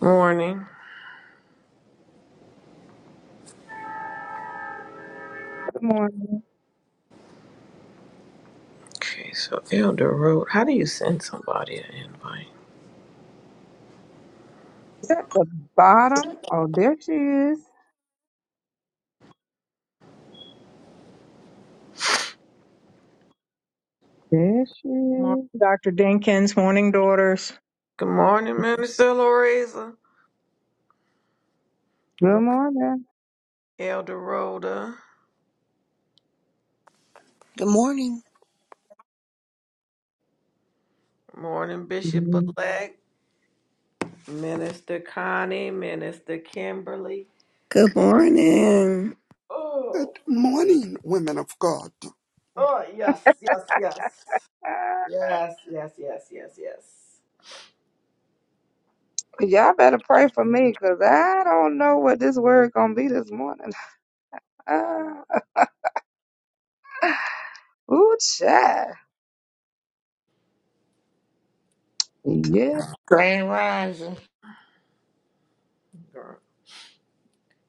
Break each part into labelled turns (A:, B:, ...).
A: Morning.
B: Good morning.
A: Okay, so Elder Road, how do you send somebody an invite?
B: Is that the bottom? Oh, there she is. There she
C: Morning,
B: is.
C: Dr. Dinkins. Morning, daughters.
A: Good morning, Minister Lorenza. Good
B: Good
A: morning,
B: morning.
A: Elder Rhoda.
D: Good morning.
A: Good morning, Bishop Elect. Minister Connie, Minister Kimberly.
E: Good morning.
A: Oh,
F: Good morning, women of God.
A: oh, yes, yes, yes.
B: Ah,
A: Yes, yes, yes, yes, yes.
B: y'all better pray for me, cause I don't know what this word gonna be this morning. Ah, ooh, child. Yeah.
G: Grand Rising.
A: Girl.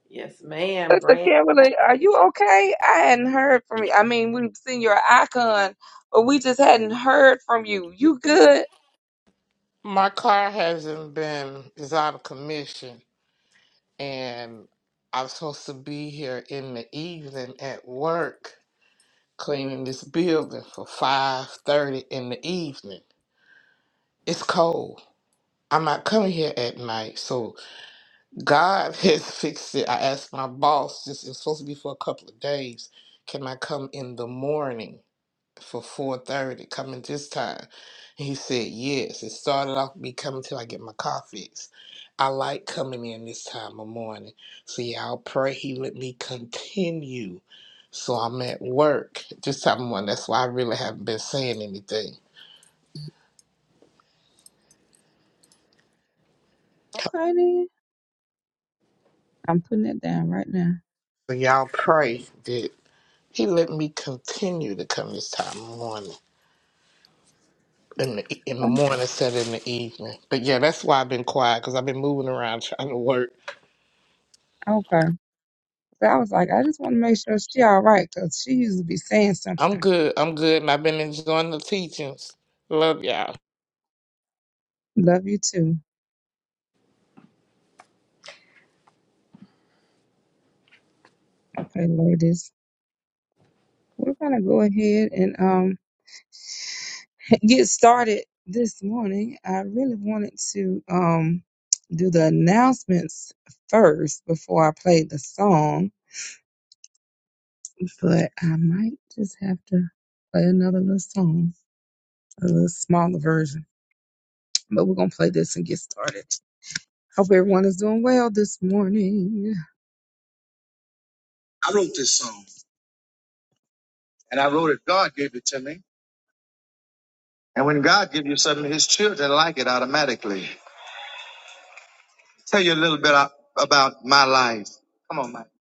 A: Yes, ma'am,
B: Sister
A: Grant.
B: Kimberly, are you okay? I hadn't heard from you. I mean, we've seen your icon, but we just hadn't heard from you. You good?
G: My car hasn't been is out of commission, and I'm supposed to be here in the evening at work cleaning this building for five thirty in the evening. It's cold. I'm not coming here at night, so God has fixed it. I asked my boss, this is supposed to be for a couple of days. Can I come in the morning? for four thirty, coming this time. He said yes. It started off me coming till I get my car fixed. I like coming in this time of morning. So yeah, I'll pray he let me continue. So I'm at work this time of morning. That's why I really haven't been saying anything.
B: Okay then. I'm putting it down right now.
G: So y'all pray that he let me continue to come this time of morning. In the, e, in the morning, instead of in the evening. But yeah, that's why I've been quiet because I've been moving around trying to work.
B: Okay. But I was like, I just want to make sure she all right because she used to be saying
G: I'm
B: something.
G: good. I'm good, and I've been enjoying the teachings. Love y'all.
B: Love you too. Okay, ladies, we're gonna go ahead and um get started this morning. I really wanted to um do the announcements first before I played the song, but I might just have to play another little song, a little smaller version. But we're gonna play this and get started. Hope everyone is doing well this morning. I wrote this song, and I wrote it. God gave it to me. And when God gives you something, his children like it automatically. Tell you a little bit a- about my life. Come on, Mike.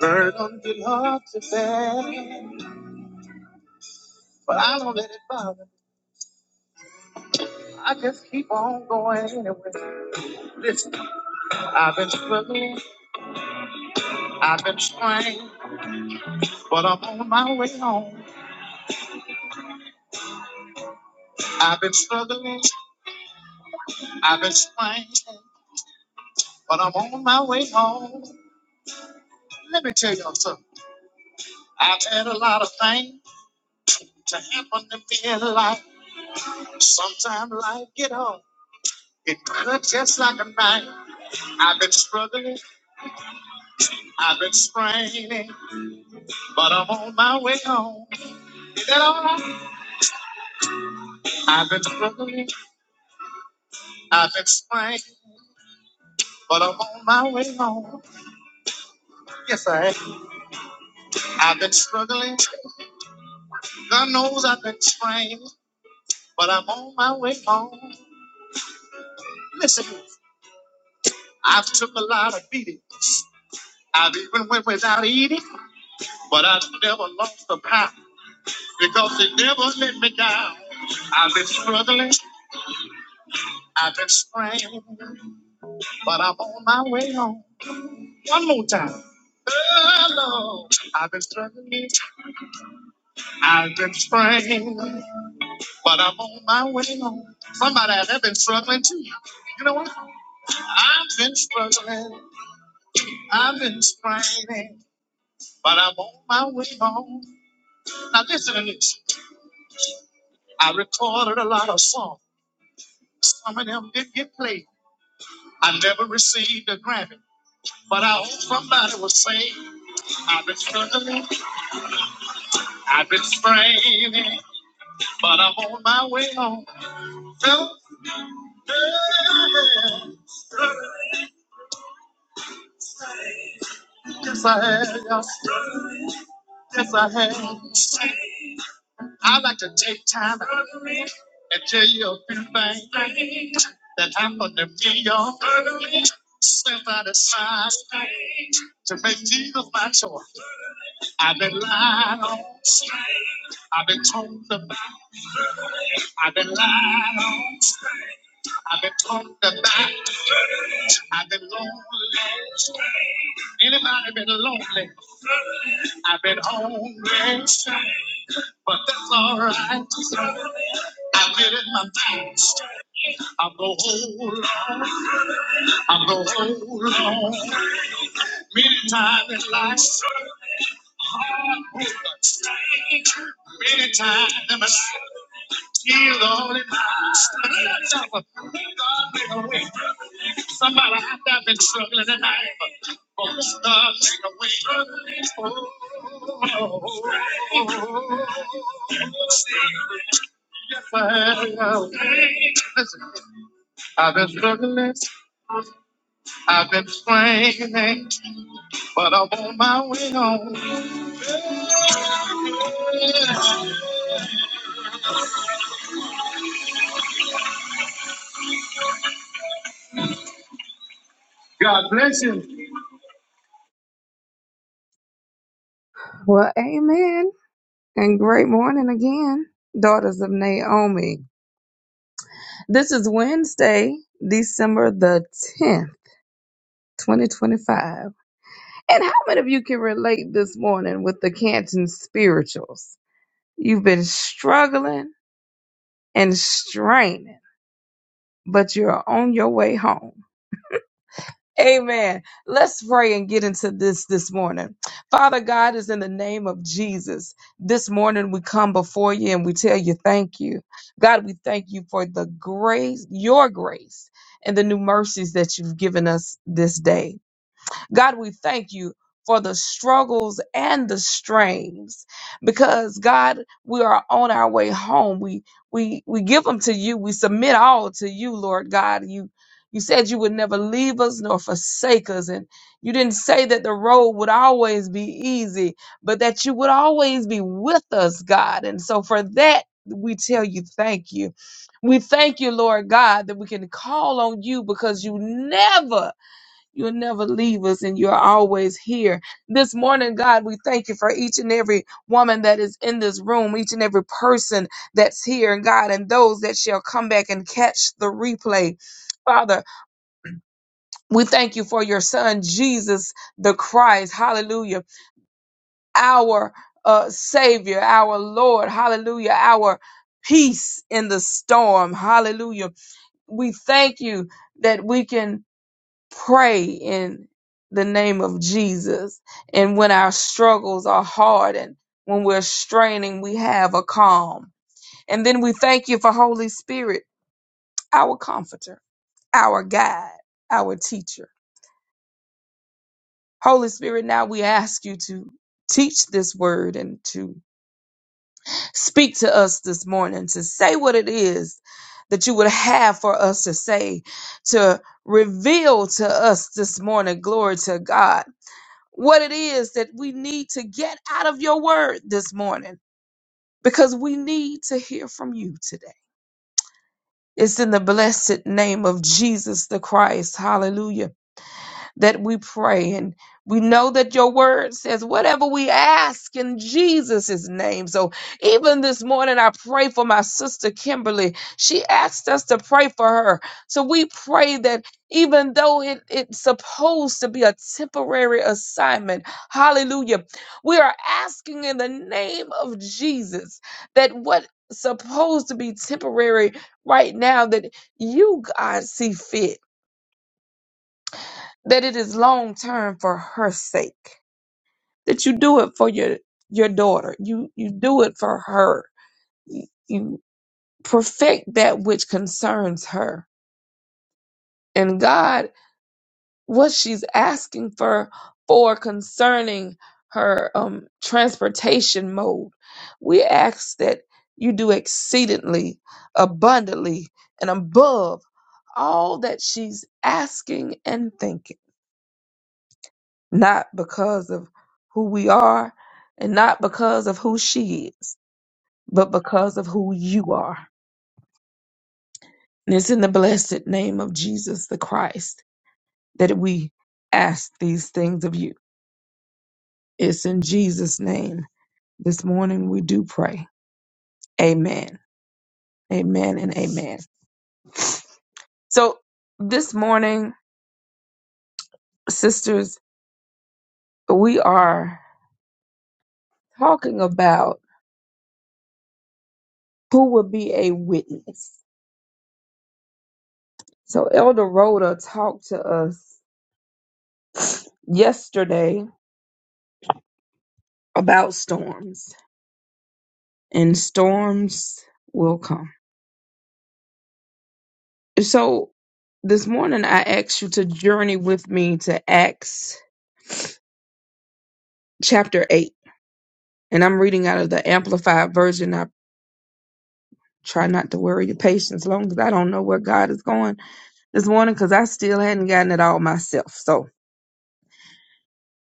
B: Bird on the heart, but I don't let it bother. me. I just keep on going anyway. Listen, I've been struggling, I've been trying, but I'm on my way home. I've been struggling, I've been trying, but I'm on my way home. Let me tell y'all something. I've had a lot of things to happen to me in life. Sometimes life get hard. It cut just like a knife. I've been struggling, I've been straining, but I'm on my way home. Is that all right? I've been struggling, I've been straining, but I'm on my way home. Yes, I am. I've been struggling. God knows I've been straining, but I'm on my way home. Listen, I've took a lot of beatings. I've even went without eating, but I've never lost a pound because it never let me down. I've been struggling, I've been straining. but I'm on my way home. One more time. Hello, I've been struggling, I've been praying, but I'm on my way home. Somebody out there been struggling too. You know what? I've been struggling, I've been straining, but I'm on my way home. Now listen to this. I recorded a lot of songs. Some of them didn't get played. I never received a Grammy, but I hope somebody will say I've been struggling, I've been straining. but I'm on my way home. Yes, I have. Yes, I have. I'd like to take time and tell you a few things that happened to me, y'all. Since I decided to make Jesus my choice, I've been lied on. I've been told about. I've been lied on. I've been talked about. I've been lonely. Anybody been lonely? I've been homeless, but that's all right. I did it my best. I'm gonna hold on. I'm gonna hold on. Many times in life, many times in my life. He's the only master. God make a way. Somebody out there been struggling tonight. but Oh, God make a way. Oh, oh, oh, oh. oh. Yes, Listen, I've been struggling, I've been straining, but I'm on my way home. God bless you. Well, amen. And great morning again, daughters of Naomi. This is Wednesday, December the 10th, 2025. And how many of you can relate this morning with the Canton spirituals? You've been struggling and straining. but you're on your way home. Amen. Let's pray and get into this this morning. Father God is in the name of Jesus. This morning we come before you and we tell you thank you. God, we thank you for the grace, your grace, and the new mercies that you've given us this day. God, we thank you for the struggles and the strains because God, we are on our way home. We we we give them to you. We submit all to you, Lord God. You you said you would never leave us nor forsake us and you didn't say that the road would always be easy, but that you would always be with us, God. And so for that we tell you thank you. We thank you, Lord God, that we can call on you because you never You'll never leave us and you're always here. This morning, God, we thank you for each and every woman that is in this room, each and every person that's here, and God, and those that shall come back and catch the replay. Father, we thank you for your son, Jesus the Christ. Hallelujah. Our uh, Savior, our Lord. Hallelujah. Our peace in the storm. Hallelujah. We thank you that we can pray in the name of Jesus. And when our struggles are hard and when we're straining, we have a calm. And then we thank you for Holy Spirit, our comforter, our guide, our teacher. Holy Spirit, now we ask you to teach this word and to speak to us this morning, to say what it is that you would have for us to say, to reveal to us this morning. Glory to God what it is that we need to get out of your word this morning because we need to hear from you today. It's in the blessed name of Jesus the Christ. Hallelujah that we pray. And we know that your word says whatever we ask in Jesus' name. So even this morning, I pray for my sister Kimberly. She asked us to pray for her. So we pray that even though it, it's supposed to be a temporary assignment, hallelujah, we are asking in the name of Jesus that what's supposed to be temporary right now that you God see fit that it is long term for her sake that you do it for your your daughter you you do it for her you, you perfect that which concerns her and god what she's asking for for concerning her um transportation mode we ask that you do exceedingly abundantly and above all that she's asking and thinking not because of who we are and not because of who she is, but because of who you are. And it's in the blessed name of Jesus the Christ that we ask these things of you. It's in Jesus' name. This morning we do pray. Amen. Amen and amen. So this morning, sisters, we are talking about who will be a witness. So Elder Rhoda talked to us yesterday about storms, and storms will come. So this morning I asked you to journey with me to Acts chapter 8, and I'm reading out of the Amplified Version. I try not to worry your patience long as I don't know where God is going this morning because I still hadn't gotten it all myself. So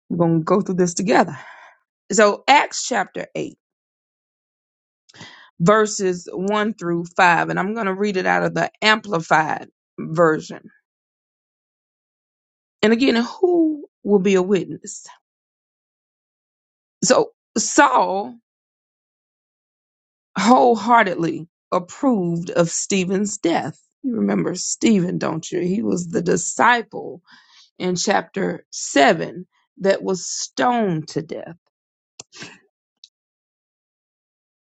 B: we're going to go through this together. So Acts chapter 8, verses 1 through 5, and I'm going to read it out of the Amplified Version And again, who will be a witness? So Saul wholeheartedly approved of Stephen's death. You remember Stephen, don't you? He was the disciple in chapter 7 that was stoned to death.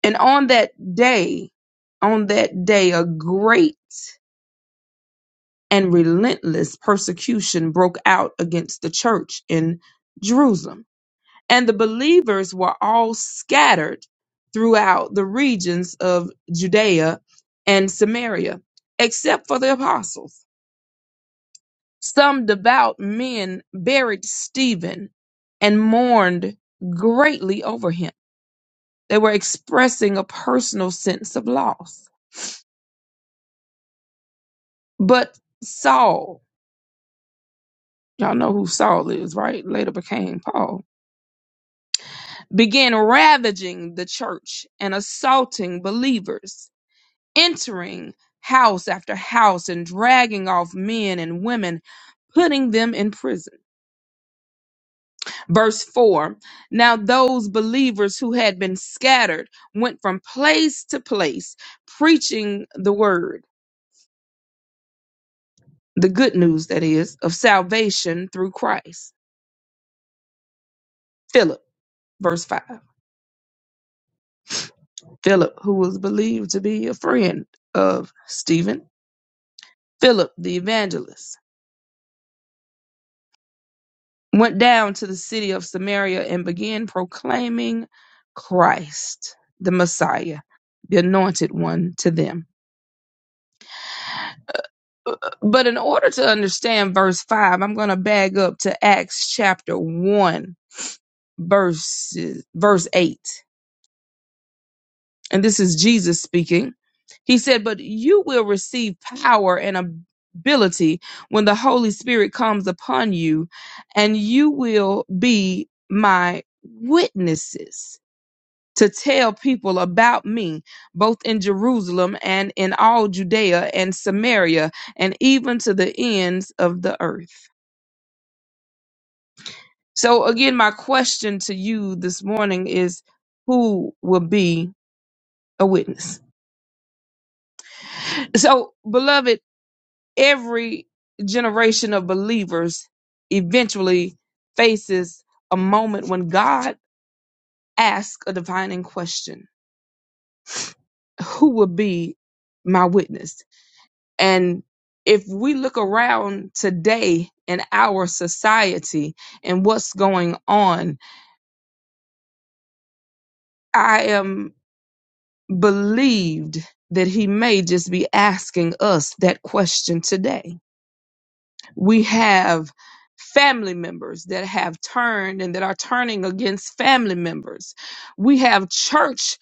B: And on that day, on that day, a great and relentless persecution broke out against the church in Jerusalem And the believers were all scattered throughout the regions of Judea and Samaria, except for the apostles. Some devout men buried Stephen and mourned greatly over him. They were expressing a personal sense of loss. But Saul, y'all know who Saul is, right? Later became Paul, began ravaging the church and assaulting believers entering house after house and dragging off men and women, putting them in prison. Verse 4 Now those believers who had been scattered went from place to place, preaching the word, the good news, that is, of salvation through Christ. Philip, verse 5. Philip, who was believed to be a friend of Stephen, Philip the evangelist. went down to the city of Samaria and began proclaiming Christ, the Messiah, the anointed one, to them. Uh, uh, But in order to understand verse 5, I'm going to back up to Acts chapter 1, verses, verse 8. And this is Jesus speaking. He said, But you will receive power and ability when the Holy Spirit comes upon you, and you will be my witnesses to tell people about me, both in Jerusalem and in all Judea and Samaria, and even to the ends of the earth. So, again, my question to you this morning is who will be a witness? So, beloved, every generation of believers eventually faces a moment when God asks a defining question Who will be my witness? And if we look around today in our society and what's going on, I am believed that he may just be asking us that question today. We have family members that have turned and that are turning against family members. We have church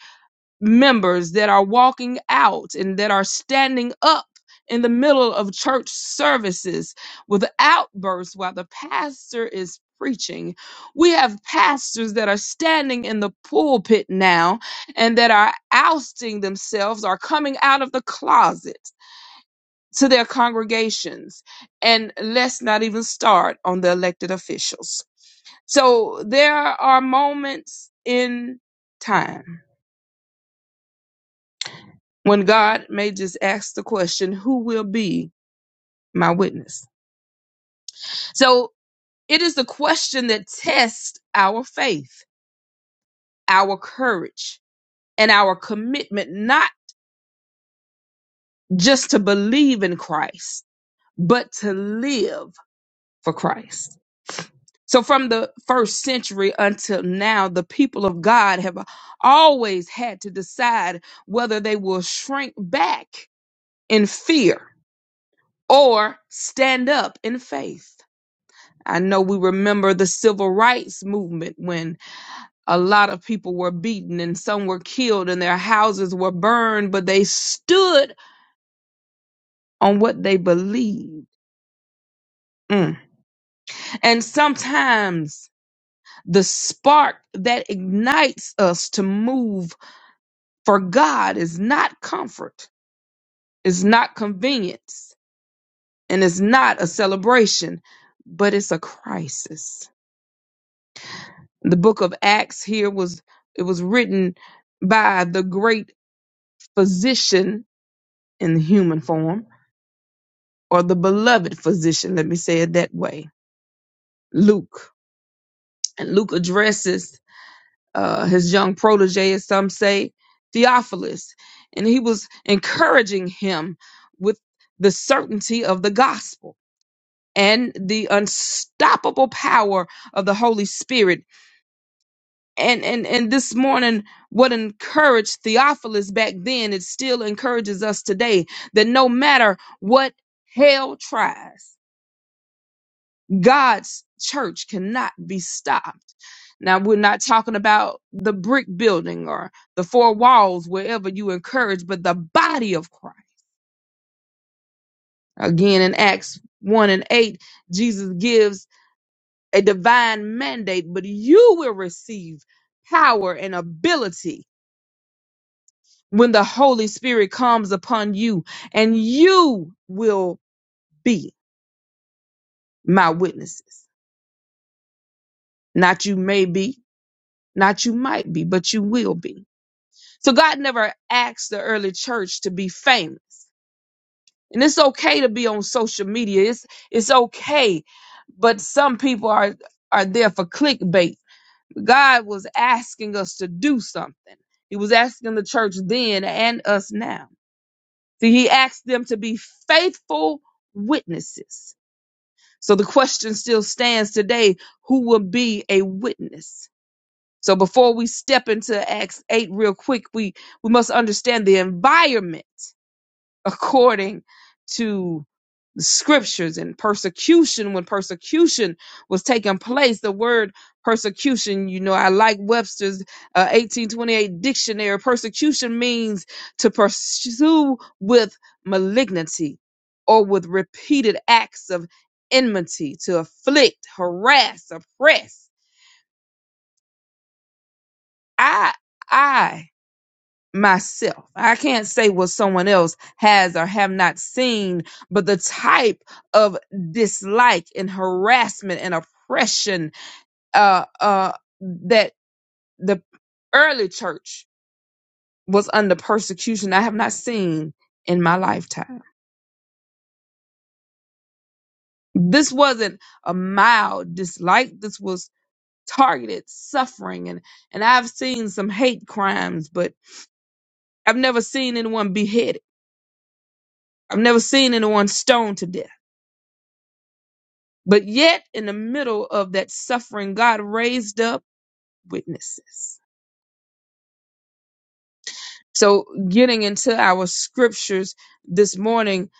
B: members that are walking out and that are standing up in the middle of church services with outbursts while the pastor is preaching. We have pastors that are standing in the pulpit now and that are ousting themselves, are coming out of the closet to their congregations. And let's not even start on the elected officials. So there are moments in time when God may just ask the question, Who will be my witness? So it is the question that tests our faith, our courage, and our commitment not just to believe in Christ, but to live for Christ. So from the first century until now, the people of God have always had to decide whether they will shrink back in fear or stand up in faith. I know we remember the civil rights movement when a lot of people were beaten and some were killed and their houses were burned, but they stood on what they believed. Mm. And sometimes the spark that ignites us to move for God is not comfort, it's not convenience, and it's not a celebration, but it's a crisis. The book of Acts here was it was written by the great physician in the human form, or the beloved physician. Let me say it that way. Luke. And Luke addresses uh, his young protege, as some say, Theophilus. And he was encouraging him with the certainty of the gospel and the unstoppable power of the Holy Spirit. And, and, and this morning, what encouraged Theophilus back then, it still encourages us today that no matter what hell tries, God's church cannot be stopped. Now, we're not talking about the brick building or the four walls, wherever you encourage, but the body of Christ. Again, in Acts 1 and 8, Jesus gives a divine mandate, but you will receive power and ability when the Holy Spirit comes upon you, and you will be my witnesses. Not you may be, not you might be, but you will be. So God never asked the early church to be famous. And it's okay to be on social media. It's it's okay. But some people are are there for clickbait. God was asking us to do something. He was asking the church then and us now. See, he asked them to be faithful witnesses. So the question still stands today, who will be a witness? So before we step into Acts 8 real quick, we we must understand the environment according to the scriptures and persecution when persecution was taking place the word persecution you know i like webster's uh, 1828 dictionary persecution means to pursue with malignity or with repeated acts of enmity to afflict harass oppress i i myself. I can't say what someone else has or have not seen, but the type of dislike and harassment and oppression uh, uh, that the early church was under persecution, I have not seen in my lifetime. This wasn't a mild dislike. This was targeted suffering and and I've seen some hate crimes but I've never seen anyone beheaded. I've never seen anyone stoned to death. But yet, in the middle of that suffering, God raised up witnesses. So, getting into our scriptures this morning,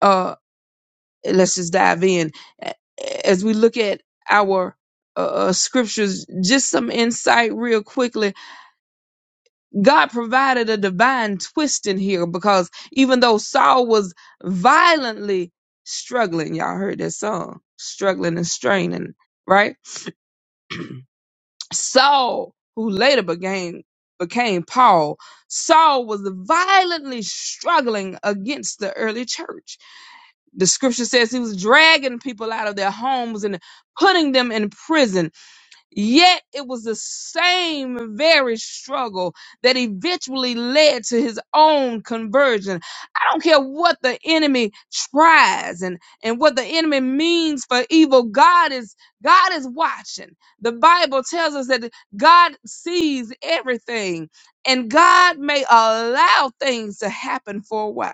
B: uh, let's just dive in as we look at our uh, uh, scriptures. Just some insight, real quickly. God provided a divine twist in here because even though Saul was violently struggling, y'all heard that song, struggling and straining, right? Saul, who later became became Paul, Saul was violently struggling against the early church. The scripture says he was dragging people out of their homes and putting them in prison Yet it was the same very struggle that eventually led to his own conversion. I don't care what the enemy tries and, and what the enemy means for evil. God is God is watching. The Bible tells us that God sees everything and God may allow things to happen for a while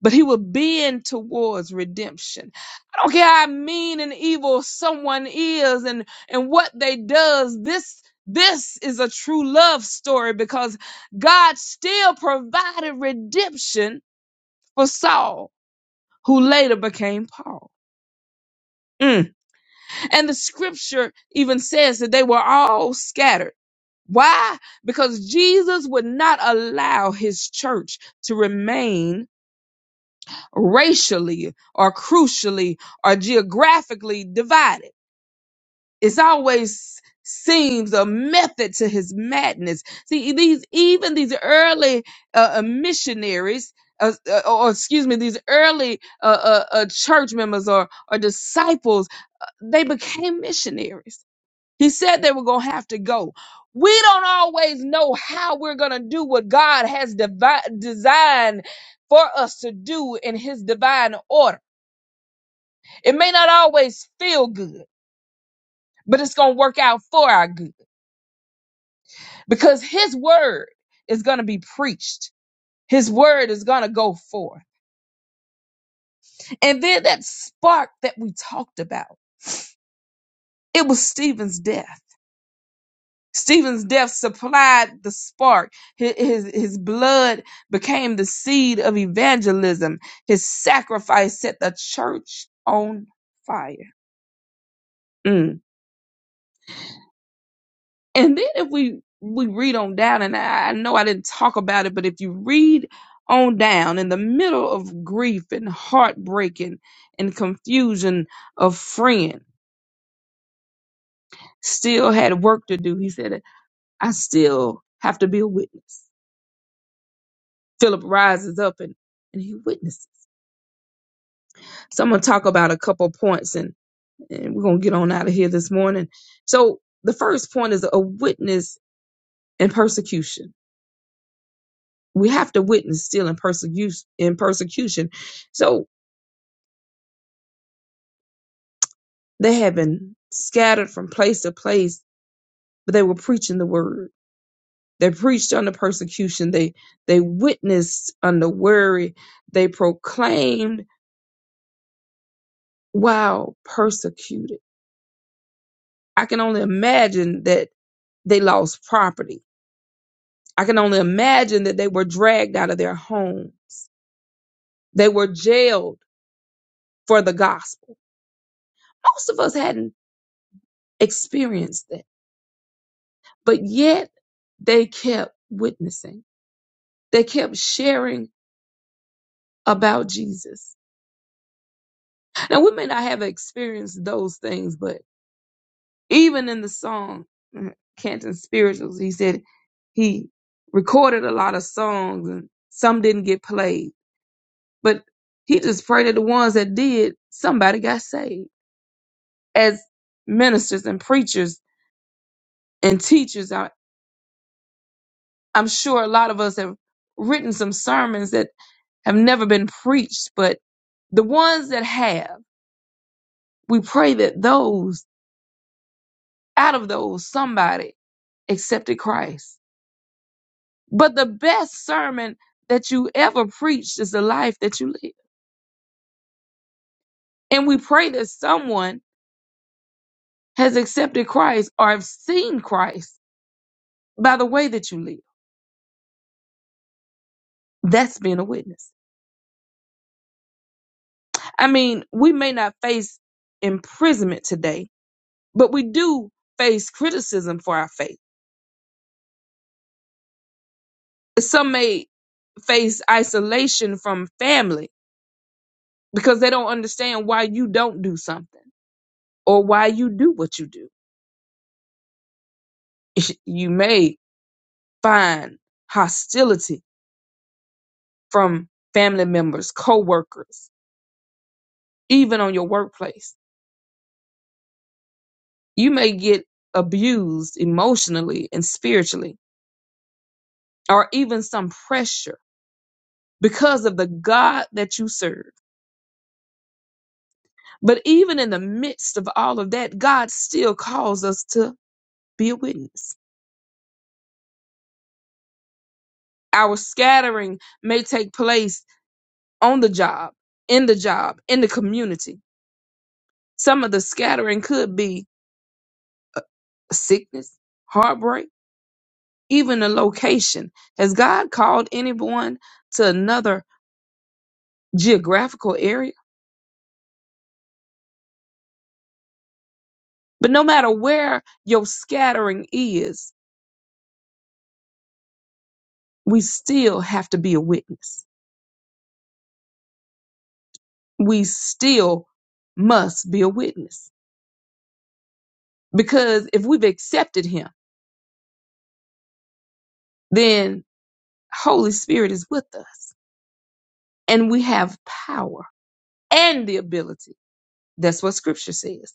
B: but he will bend towards redemption. I don't care how mean and evil someone is and, and what they does. This, this is a true love story because God still provided redemption for Saul, who later became Paul. Mm. And the scripture even says that they were all scattered. Why? Because Jesus would not allow his church to remain racially or crucially or geographically divided. It's always seems a method to his madness. See, these even these early uh, uh, missionaries. Uh, uh, or excuse me, these early uh, uh, uh, church members or, or disciples, they became missionaries. He said they were going to have to go. We don't always know how we're going to do what God has divi- designed for us to do in his divine order it may not always feel good, but it's going to work out for our good because His word is going to be preached. His word is going to go forth. And then that spark that we talked about, it was Stephen's death. Stephen's death supplied the spark. Hi- His, his blood became the seed of evangelism. His sacrifice set the church on fire. Mm. And then if we we read on down, and I I know I didn't talk about it, but if you read on down in the middle of grief and heartbreak and, and confusion, a friend still had work to do. He said, I still have to be a witness. Philip rises up and, and he witnesses. So I'm going to talk about a couple of points and, and we're going to get on out of here this morning. So the first point is a witness in persecution we have to witness still in persecution in persecution so they had been scattered from place to place but they were preaching the word they preached under persecution they they witnessed under worry they proclaimed while persecuted i can only imagine that they lost property i can only imagine that they were dragged out of their homes they were jailed for the gospel most of us hadn't experienced that But yet they kept witnessing. They kept sharing about Jesus. Now we may not have experienced those things, but even in the song, mm, Canton Spirituals, he said he recorded a lot of songs and some didn't get played. But he just prayed that the ones that did, somebody got saved. As ministers and preachers and teachers, I, I'm sure a lot of us have written some sermons that have never been preached, but the ones that have, we pray that those, out of those, somebody accepted Christ. But the best sermon that you ever preached is the life that you live. And we pray that someone has accepted Christ or have seen Christ by the way that you live. That's being a witness. I mean, we may not face imprisonment today, but we do face criticism for our faith. Some may face isolation from family because they don't understand why you don't do something or why you do what you do. You may find hostility from family members, coworkers, even on your workplace. You may get abused emotionally and spiritually, or even some pressure because of the God that you serve. But even in the midst of all of that, God still calls us to be a witness. Our scattering may take place on the job, in the job, in the community. Some of the scattering could be sickness, heartbreak, even a location. Has God called anyone to another geographical area? But no matter where your scattering is, we still have to be a witness. We still must be a witness because if we've accepted him, then Holy Spirit is with us and we have power and the ability That's what scripture says.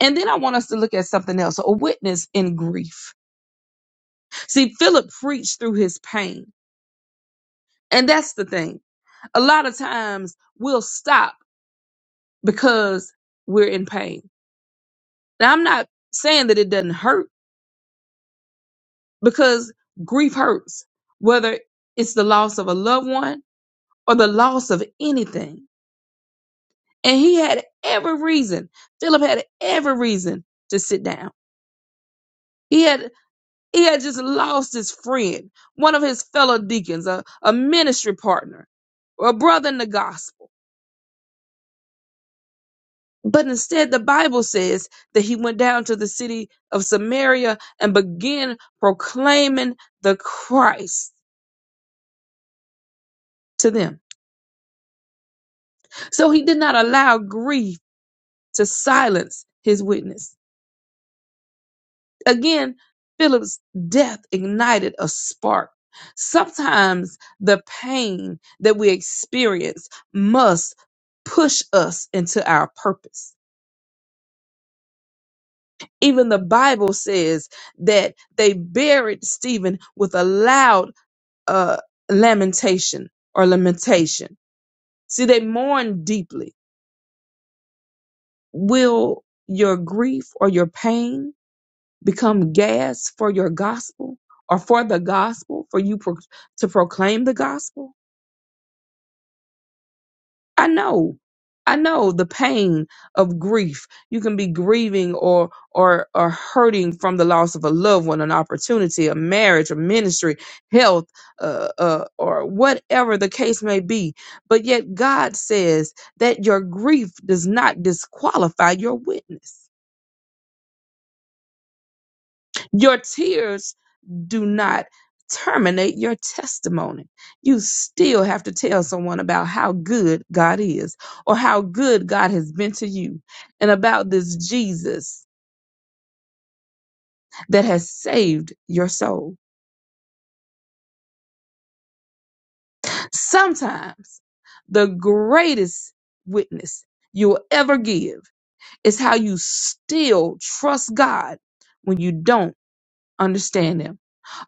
B: And then I want us to look at something else a witness in grief. See, Philip preached through his pain. And that's the thing. A lot of times we'll stop because we're in pain. Now, I'm not saying that it doesn't hurt because grief hurts, whether it's the loss of a loved one or the loss of anything. And he had every reason, Philip had every reason to sit down. He had. He had just lost his friend, one of his fellow deacons, a, a ministry partner, or a brother in the gospel. But instead, the Bible says that he went down to the city of Samaria and began proclaiming the Christ to them. So he did not allow grief to silence his witness. Again, Philip's death ignited a spark. Sometimes the pain that we experience must push us into our purpose. Even the Bible says that they buried Stephen with a loud uh, lamentation or lamentation. See, they mourned deeply. Will your grief or your pain become gas for your gospel or for the gospel for you pro- to proclaim the gospel i know i know the pain of grief you can be grieving or or or hurting from the loss of a loved one an opportunity a marriage a ministry health uh, uh, or whatever the case may be but yet god says that your grief does not disqualify your witness Your tears do not terminate your testimony. You still have to tell someone about how good God is or how good God has been to you and about this Jesus that has saved your soul. Sometimes the greatest witness you'll ever give is how you still trust God when you don't understand Him.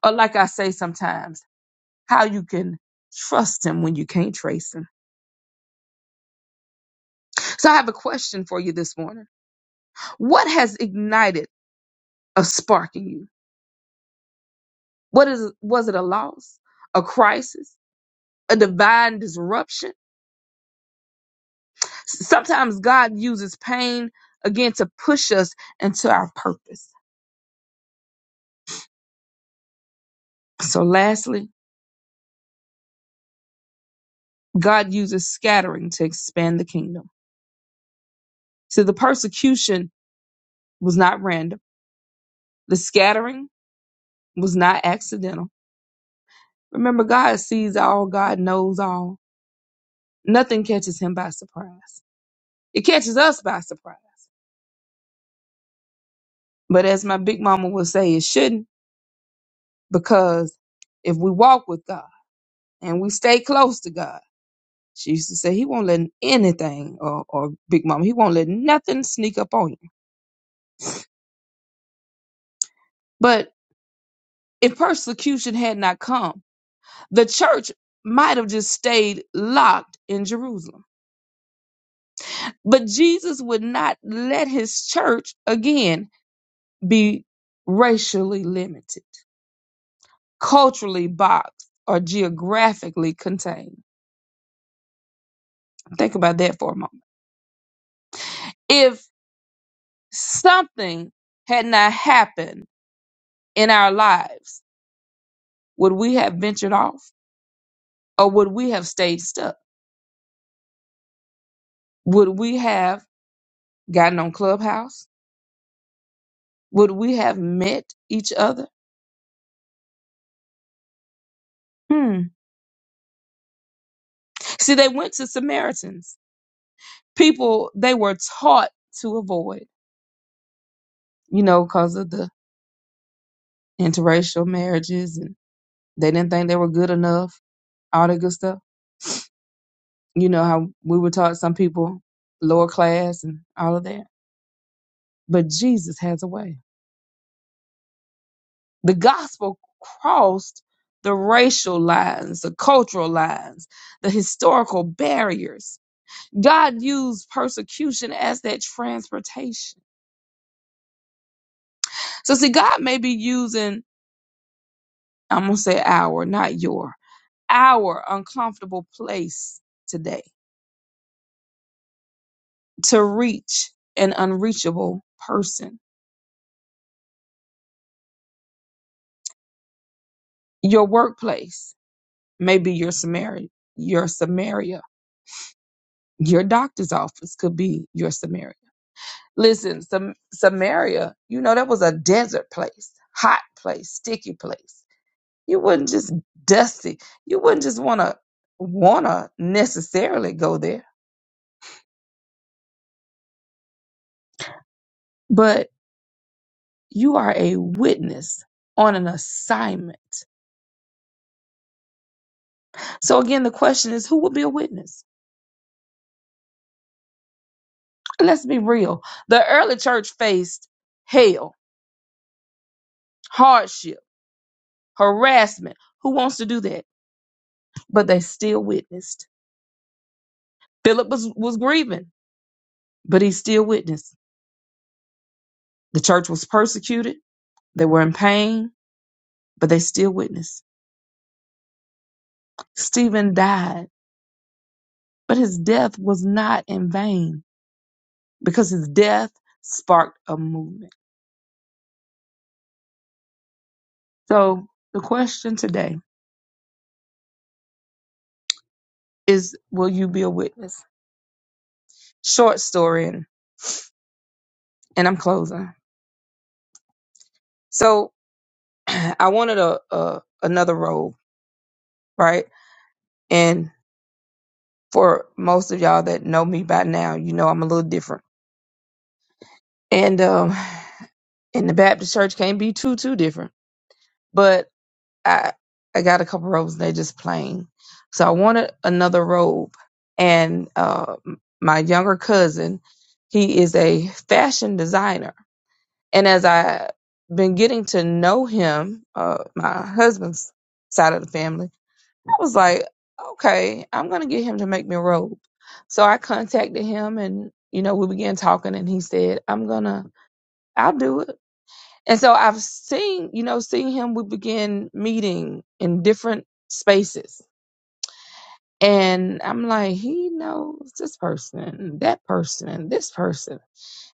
B: Or, like I say sometimes, how you can trust Him when you can't trace Him. So I have a question for you this morning. What has ignited a spark in you? What is was it a loss, a crisis, a divine disruption? S- Sometimes God uses pain again to push us into our purpose. So lastly, God uses scattering to expand the kingdom. So the persecution was not random. The scattering was not accidental. Remember, God sees all, God knows all. Nothing catches him by surprise. It catches us by surprise But as my big mama would say, it shouldn't because if we walk with God and we stay close to God, she used to say, He won't let anything, or, or big mama, He won't let nothing sneak up on you. But if persecution had not come, the church might have just stayed locked in Jerusalem. But Jesus would not let his church again be racially limited, culturally boxed, or geographically contained. Think about that for a moment If something had not happened in our lives, would we have ventured off or would we have stayed stuck? Would we have gotten on Clubhouse? Would we have met each other? Hmm. See, they went to Samaritans, people they were taught to avoid, you know, because of the interracial marriages and they didn't think they were good enough, all that good stuff. You know how we were taught some people lower class and all of that. But Jesus has a way. The gospel crossed the racial lines, the cultural lines, the historical barriers. God used persecution as that transportation. So, see, God may be using, I'm going to say our, not your, our uncomfortable place today to reach an unreachable person. Your workplace may be your Samaria, your Samaria. Your doctor's office could be your Samaria Listen, Sam- Samaria, you know, that was a desert place, hot place, sticky place. You wouldn't just dusty. You wouldn't just want to want to necessarily go there, but you are a witness on an assignment. So again, the question is, who will be a witness? Let's be real. The early church faced hell, hardship, harassment. Who wants to do that? But they still witnessed. Philip was, was grieving, but he still witnessed. The church was persecuted, they were in pain, but they still witnessed. Stephen died, but his death was not in vain because his death sparked a movement. So the question today is will you be a witness? Short story and, and I'm closing. So I wanted a, a another robe, right? And for most of y'all that know me by now, you know I'm a little different. And um and the Baptist church can't be too too different. But I I got a couple robes and they're just plain. So I wanted another robe. And uh, my younger cousin, he is a fashion designer. And as I've been getting to know him, uh, my husband's side of the family, I was like, okay, I'm gonna get him to make me a robe. So I contacted him and you know we began talking and he said, I'm gonna I'll do it. And so I've seen, you know, seeing him, we begin meeting in different spaces. And I'm like, he knows this person, that person, this person.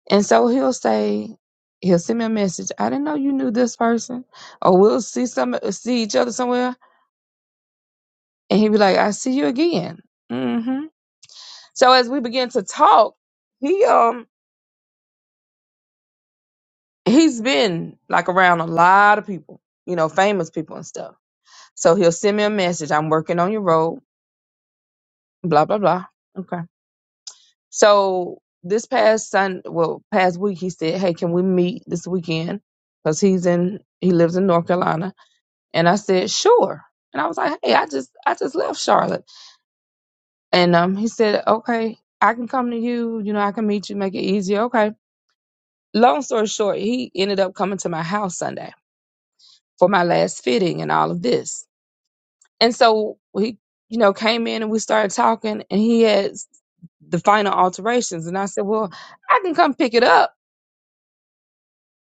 B: And so he'll say, he'll send me a message. I didn't know you knew this person. Or we'll see some, see each other somewhere. And he'll be like, I see you again. hmm So as we begin to talk, he, um, he's been like around a lot of people, you know, famous people and stuff. So he'll send me a message. I'm working on your road. blah blah blah. Okay. So this past Sun, well, past week, he said, "Hey, can we meet this weekend?" Because he's in, he lives in North Carolina, and I said, "Sure." And I was like, "Hey, I just, I just left Charlotte," and um, he said, "Okay, I can come to you. You know, I can meet you, make it easier." Okay. Long story short, he ended up coming to my house Sunday for my last fitting and all of this, and so he, you know, came in and we started talking, and he had the final alterations. And I said, Well, I can come pick it up.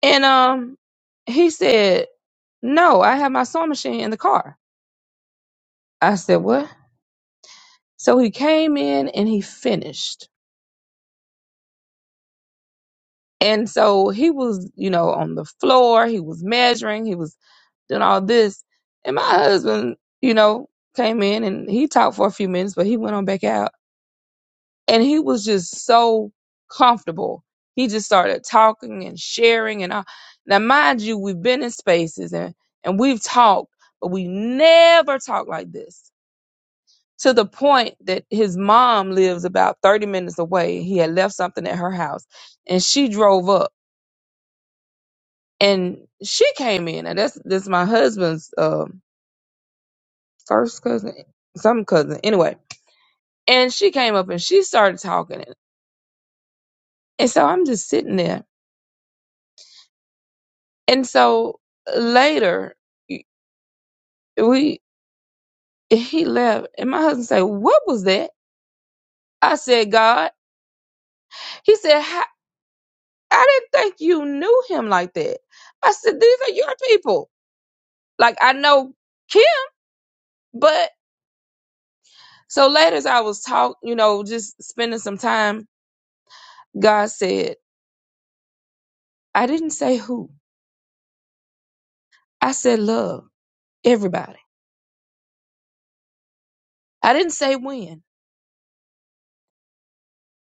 B: And um he said, No, I have my sewing machine in the car. I said, What? So he came in and he finished. And so he was, you know, on the floor, he was measuring, he was doing all this. And my husband, you know, came in and he talked for a few minutes, but he went on back out. and he was just so comfortable. He just started talking and sharing and all. Now, mind you, we've been in spaces and and we've talked, but we never talked like this. To the point that his mom lives about thirty minutes away. He had left something at her house, and she drove up and she came in. And that's that's my husband's um, first cousin, some cousin anyway. And she came up and she started talking, and so I'm just sitting there And so later, we he left, and my husband said, "What was that?" I said, "God." He said, "How- "I didn't think you knew him like that." I said, "These are your people. Like I know Kim, but." So later, as I was talk, you know, just spending some time, God said, "I didn't say who. I said love everybody. I didn't say when,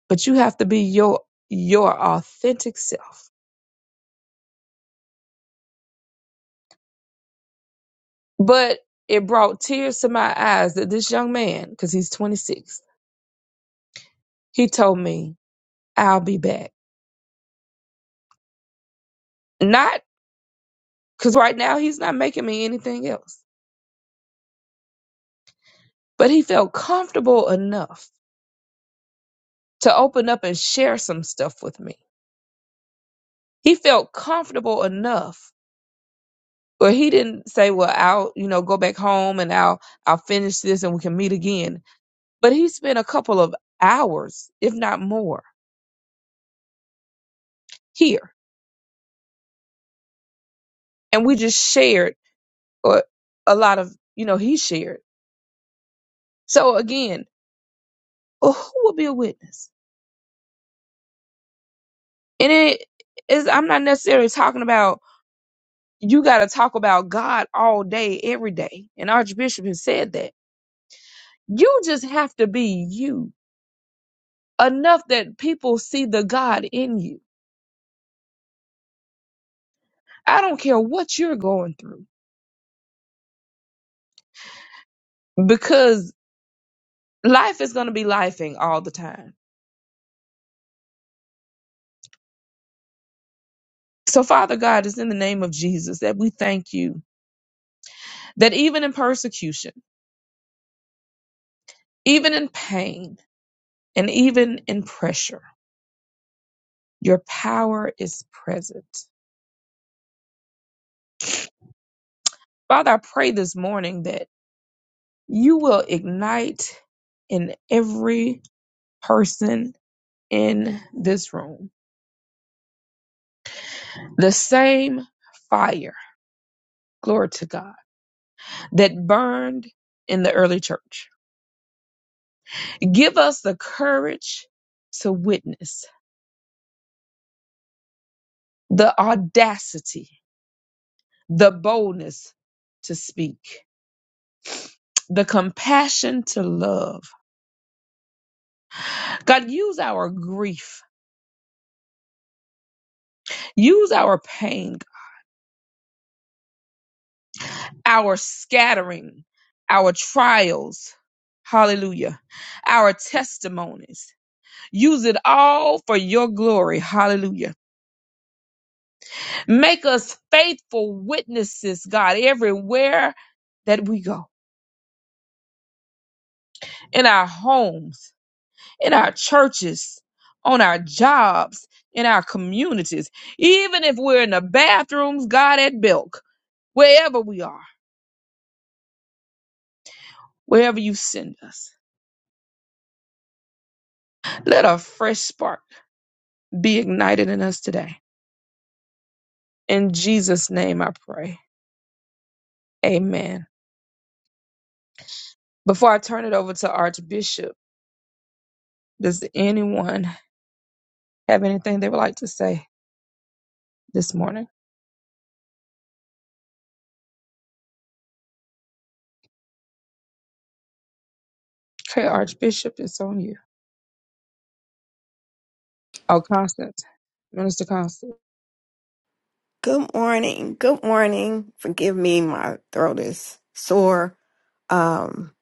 B: but you have to be your your authentic self." But it brought tears to my eyes that this young man, because he's 26, he told me, I'll be back. Not because right now he's not making me anything else, but he felt comfortable enough to open up and share some stuff with me. He felt comfortable enough where he didn't say, well, I'll, you know, go back home and I'll, I'll finish this and we can meet again. But he spent a couple of hours, if not more, here. And we just shared or a lot of, you know, he shared So again, who will be a witness? And it is I'm not necessarily talking about you got to talk about God all day every day. And Archbishop has said that. You just have to be you enough that people see the God in you. I don't care what you're going through because life is going to be lifing all the time. So Father God, it's in the name of Jesus that we thank you that even in persecution, even in pain, and even in pressure Your power is present. Father, I pray this morning that you will ignite in every person in this room the same fire, glory to God, that burned in the early church. Give us the courage to witness, the audacity, the boldness to speak, the compassion to love. God, use our grief, use our pain. our scattering, our trials, hallelujah, our testimonies. Use it all for your glory, hallelujah. Make us faithful witnesses, God, everywhere that we go in our homes, in our churches, on our jobs, in our communities, even if we're in the bathrooms, God, at Belk, wherever we are, wherever you send us. Let a fresh spark be ignited in us today In Jesus' name I pray. Amen. Before I turn it over to Archbishop, does anyone have anything they would like to say this morning? Okay, Archbishop, it's on you. Oh, Constant. Minister Constant.
E: Good morning. Good morning. Forgive me, my throat is sore. Um,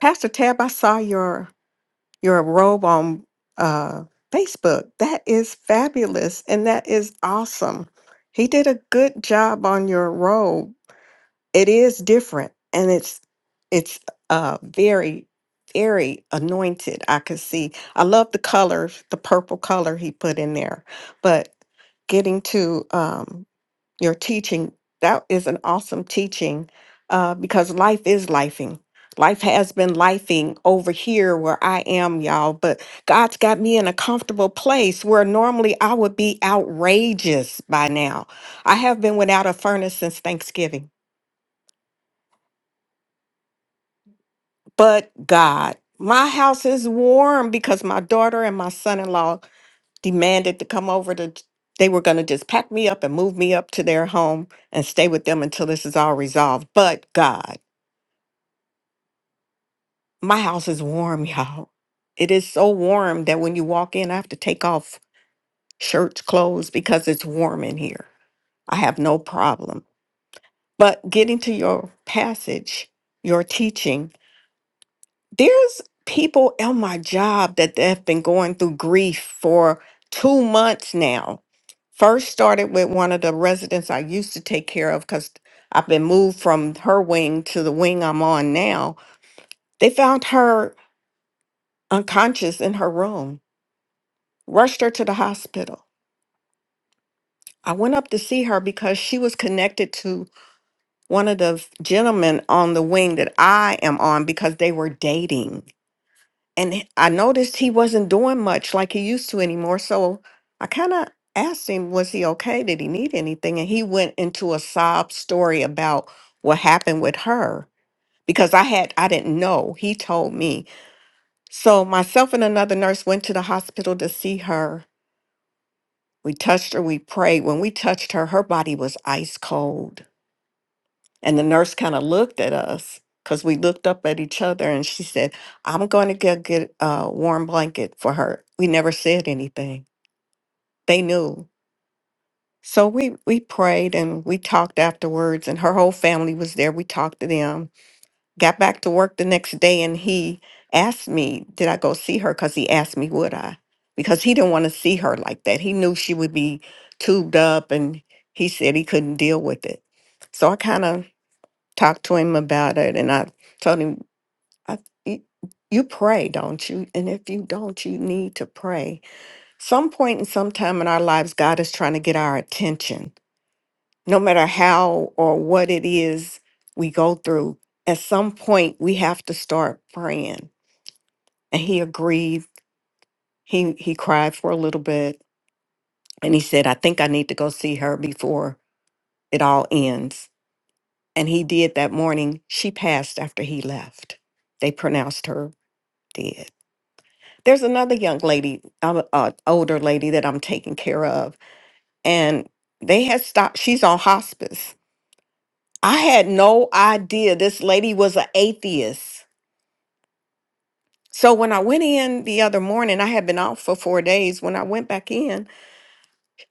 E: Pastor Tab, I saw your your robe on uh, Facebook. That is fabulous, and that is awesome. He did a good job on your robe. it is different and it's it's uh very very anointed i could see i love the colors the purple color he put in there but getting to um your teaching that is an awesome teaching uh because life is lifing life has been lifing over here where i am y'all but god's got me in a comfortable place where normally i would be outrageous by now i have been without a furnace since thanksgiving but God. My house is warm because my daughter and my son in law demanded to come over to, they were going to just pack me up and move me up to their home and stay with them until this is all resolved. But God, my house is warm, y'all. It is so warm that when you walk in, I have to take off shirts, clothes because it's warm in here. I have no problem. But getting to your passage, your teaching, there's people at my job that have been going through grief for two months now. First started with one of the residents I used to take care of because I've been moved from her wing to the wing I'm on now. They found her unconscious in her room, rushed her to the hospital. I went up to see her because she was connected to one of the gentlemen on the wing that I am on because they were dating. and he- I noticed he wasn't doing much like he used to anymore. So I kind of asked him, was he okay? Did he need anything? And he went into a sob story about what happened with her because I had, I didn't know. He told me. So myself and another nurse went to the hospital to see her. We touched her, we prayed. When we touched her, her body was ice cold. And the nurse kind of looked at us because we looked up at each other and she said, I'm going to get, get a warm blanket for her. We never said anything. They knew. So we, we prayed and we talked afterwards, and her whole family was there. We talked to them, got back to work the next day, and he asked me, Did I go see her? Because he asked me, Would I? Because he didn't want to see her like that. He knew she would be tubed up, and he said he couldn't deal with it. So I kind of talked to him about it and I told him, I, you, you pray, don't you? And if you don't, you need to pray. Some point in some time in our lives, God is trying to get our attention. No matter how or what it is we go through, at some point we have to start praying. And he agreed. He he cried for a little bit and he said, I think I need to go see her before it all ends. And he did that morning. She passed after he left. They pronounced her dead. there's another young lady, um, uh, older lady that I'm taking care of, and they had stopped. She's on hospice. I had no idea this lady was an atheist. So when I went in the other morning, I had been out for four days. When I went back in,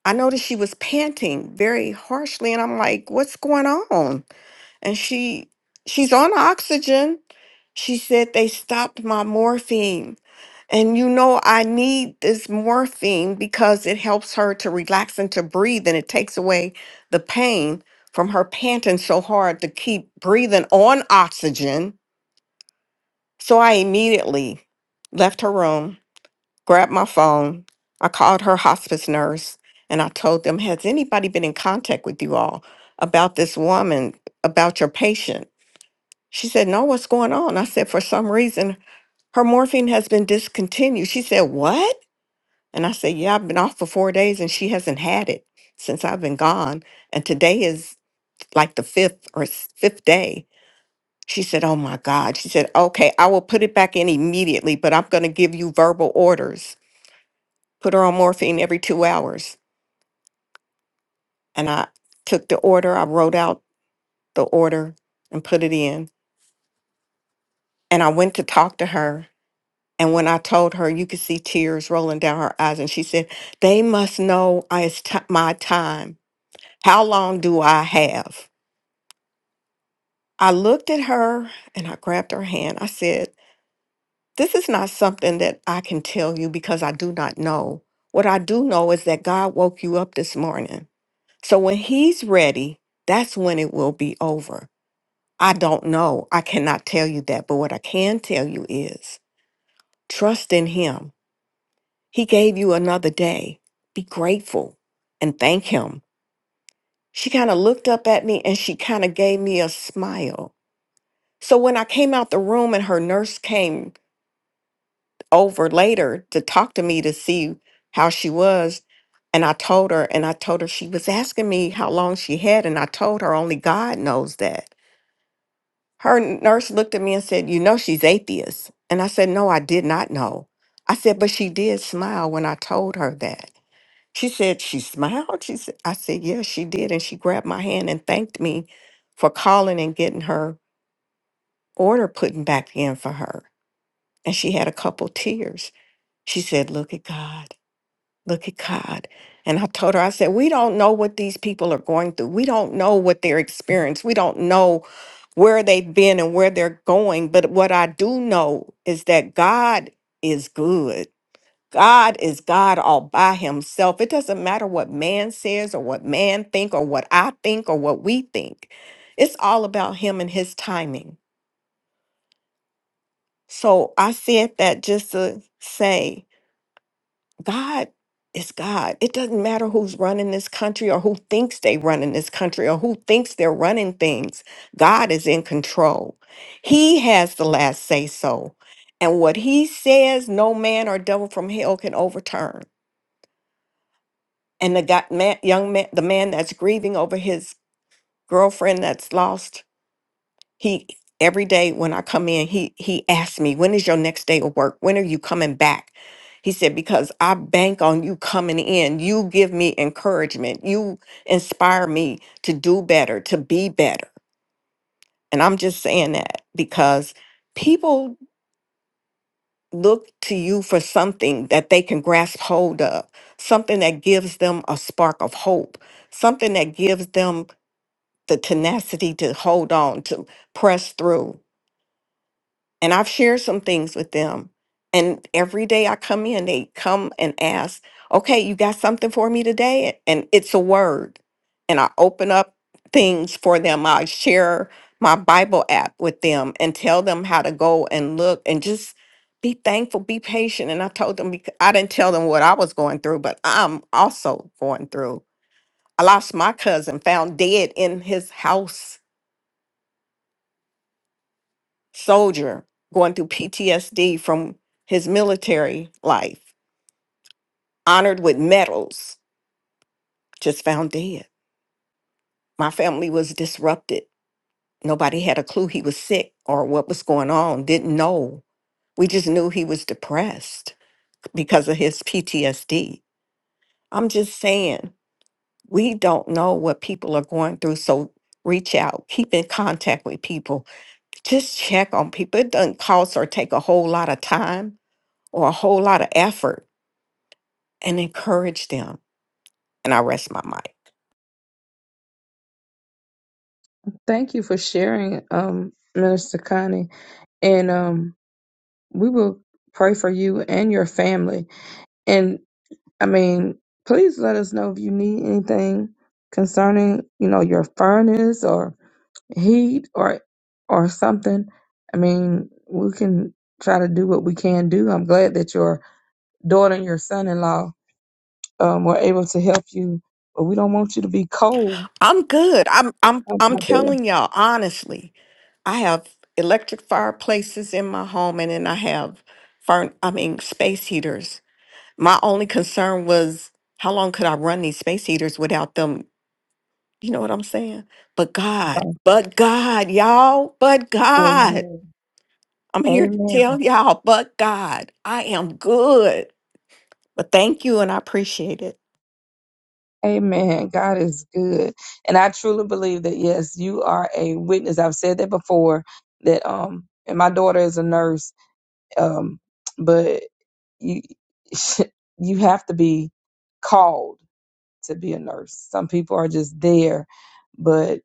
E: I noticed she was panting very harshly, and I'm like, "What's going on?" And she she's on oxygen. She said they stopped my morphine And you know, I need this morphine because it helps her to relax and to breathe, and it takes away the pain from her panting so hard to keep breathing on oxygen. So I immediately left her room, grabbed my phone. I called her hospice nurse and I told them, Has anybody been in contact with you all about this woman, about your patient? She said, No, what's going on? I said, For some reason, her morphine has been discontinued. She said, What? And I said, Yeah, I've been off for four days and she hasn't had it since I've been gone. And today is like the fifth or s- fifth day. She said, Oh my God. She said, Okay, I will put it back in immediately, but I'm going to give you verbal orders. Put her on morphine every two hours. And I took the order, I wrote out the order and put it in. And I went to talk to her. And when I told her, you could see tears rolling down her eyes. And she said, They must know I- it's ti my time. How long do I have? I looked at her and I grabbed her hand. I said, This is not something that I can tell you because I do not know. What I do know is that God woke you up this morning. So when He's ready, that's when it will be over. I don't know. I cannot tell you that. But what I can tell you is trust in Him. He gave you another day. Be grateful and thank Him. She kind of looked up at me and she kind of gave me a smile. So when I came out the room and her nurse came over later to talk to me to see how she was. And I told her, and I told her she was asking me how long she had, and I told her only God knows that. Her nurse looked at me and said, You know, she's atheist. And I said, No, I did not know. I said, But she did smile when I told her that. She said, She smiled? She said, I said, Yes, she did. And she grabbed my hand and thanked me for calling and getting her order put back in for her. And she had a couple tears. She said, Look at God. Look at God. And I told her, I said, we don't know what these people are going through. We don't know what their experience. We don't know where they've been and where they're going. But what I do know is that God is good. God is God all by himself. It doesn't matter what man says or what man think or what I think or what we think. It's all about him and his timing. So I said that just to say God is God. It doesn't matter who's running this country or who thinks they running this country or who thinks they're running things. God is in control. He has the last say so. And what he says, no man or devil from hell can overturn. And the guy, man, young man, the man that's grieving over his girlfriend that's lost, he every day when I come in, he he asks me, "When is your next day of work? When are you coming back?" He said, "Because I bank on you coming in. You give me encouragement. You inspire me to do better, to be better." And I'm just saying that because people look to you for something that they can grasp hold of, something that gives them a spark of hope, something that gives them the tenacity to hold on, to press through. and I've shared some things with them. And every day I come in, they come and ask, okay, you got something for me today? And it's a word. And I open up things for them. I share my Bible app with them and tell them how to go and look and just be thankful, be patient. And I told them, bec- I didn't tell them what I was going through, but I'm also going through. I lost my cousin, found dead in his house soldier going through PTSD from his military life, honored with medals, just found dead. My family was disrupted. Nobody had a clue he was sick or what was going on, didn't know. We just knew he was depressed because of his PTSD. I'm just saying, we don't know what people are going through. So reach out, keep in contact with people, just check on people. It doesn't cost or take a whole lot of time or a whole lot of effort and encourage them. And I rest my mind.
B: Thank you for sharing, um, Minister Connie. And um, we will pray for you and your family. And I mean, please let us know if you need anything concerning, you know, your furnace or heat or or something. I mean, we can try to do what we can do. I'm glad that your daughter and your son-in-law um, were able to help you, but we don't want you to be cold.
E: I'm good. I'm I'm
B: out
E: I'm
B: there.
E: telling y'all honestly. I have electric fireplaces in my home and then I have furn I mean space heaters. My only concern was how long could I run these space heaters without them, you know what I'm saying? But God,
B: Okay.
E: but God, y'all, but God.
B: Amen.
E: I'm here to
B: Amen.
E: tell y'all, but God, I am good. But thank you and I appreciate it.
B: Amen. God is good, and I truly believe that yes, you are a witness. I've said that before. That um, and my daughter is a nurse, um, but you you have to be called to be a nurse. Some people are just there, but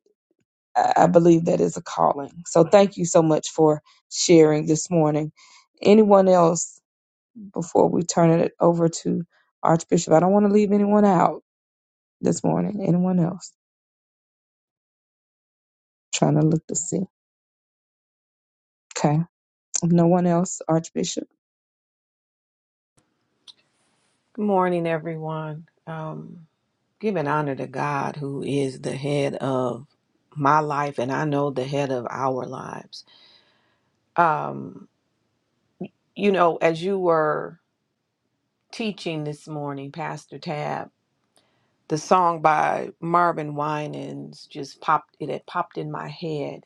B: I I believe that is a calling. So thank you so much for sharing this morning. Anyone else before we turn it over to Archbishop? I don't want to leave anyone out this morning. Anyone else? trying to look to see. Okay. If no one else, Archbishop. Of
A: Good morning, everyone. Um, Giving honor to God, who is the head of my life, and I know the head of our lives. Um, you know, as you were teaching this morning, Pastor Tab, the song by Marvin Winans just popped. It had popped in my head,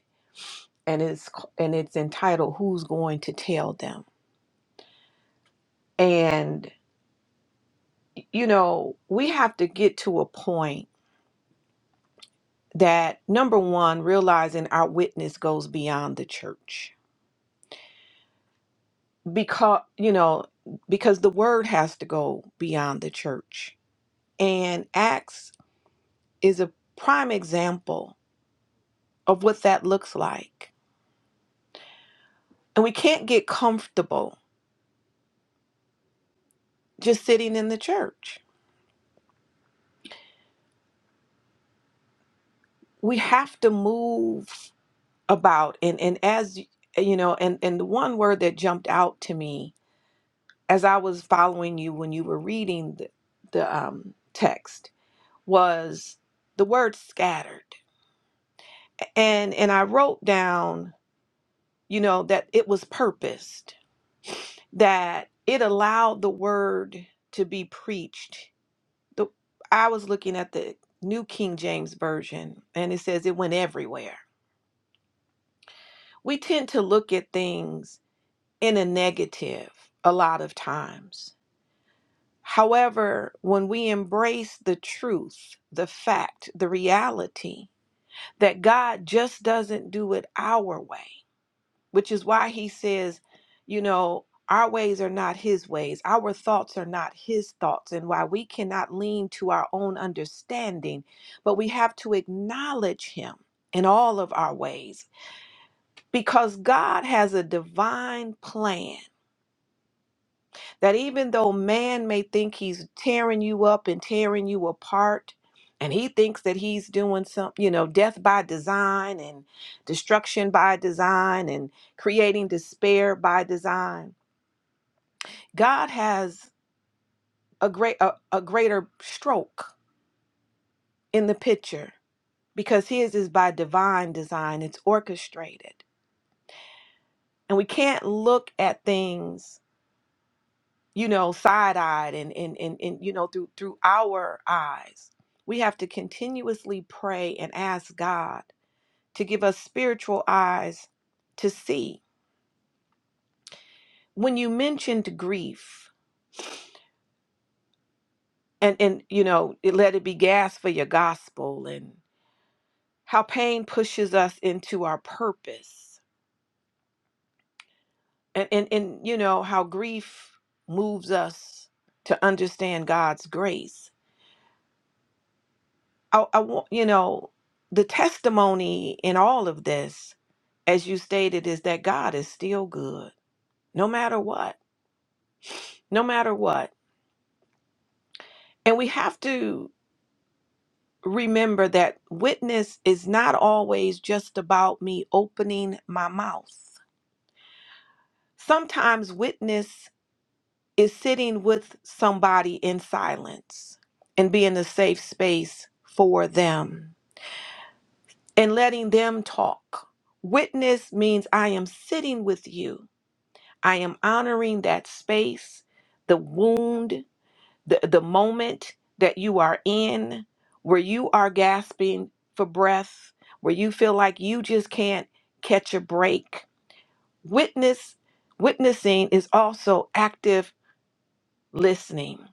A: and it's and it's entitled "Who's Going to Tell Them." And you know, we have to get to a point that number one, realizing our witness goes beyond the church because you know because the word has to go beyond the church and acts is a prime example of what that looks like and we can't get comfortable just sitting in the church we have to move about and and as y- you know and and the one word that jumped out to me as i was following you when you were reading the, the um text was the word scattered and and i wrote down you know, that it was purposed, that it allowed the word to be preached. The, I was looking at the New King James Version and it says it went everywhere. We tend to look at things in a negative a lot of times. However, when we embrace the truth, the fact, the reality that God just doesn't do it our way, which is why he says, you know, our ways are not his ways, our thoughts are not his thoughts, and why we cannot lean to our own understanding, but we have to acknowledge him in all of our ways because God has a divine plan that even though man may think he's tearing you up and tearing you apart, and he thinks that he's doing some, you know, death by design and destruction by design and creating despair by design, God has a great a, a greater stroke in the picture because his is by divine design. It's orchestrated. And we can't look at things you know, side-eyed and and and, and you know, through through our eyes. We have to continuously pray and ask God to give us spiritual eyes to see. When you mentioned grief and and you know, it, let it be gas for your gospel and how pain pushes us into our purpose. And and and you know, how grief moves us to understand God's grace I, I want, you know, the testimony in all of this, as you stated, is that God is still good, no matter what, no matter what. And we have to remember that witness is not always just about me opening my mouth. Sometimes witness is sitting with somebody in silence and being a safe space for them and letting them talk. Witness means I am sitting with you I am honoring that space, the wound, the, the moment that you are in, where you are gasping for breath, where you feel like you just can't catch a break. Witness, witnessing is also active listening,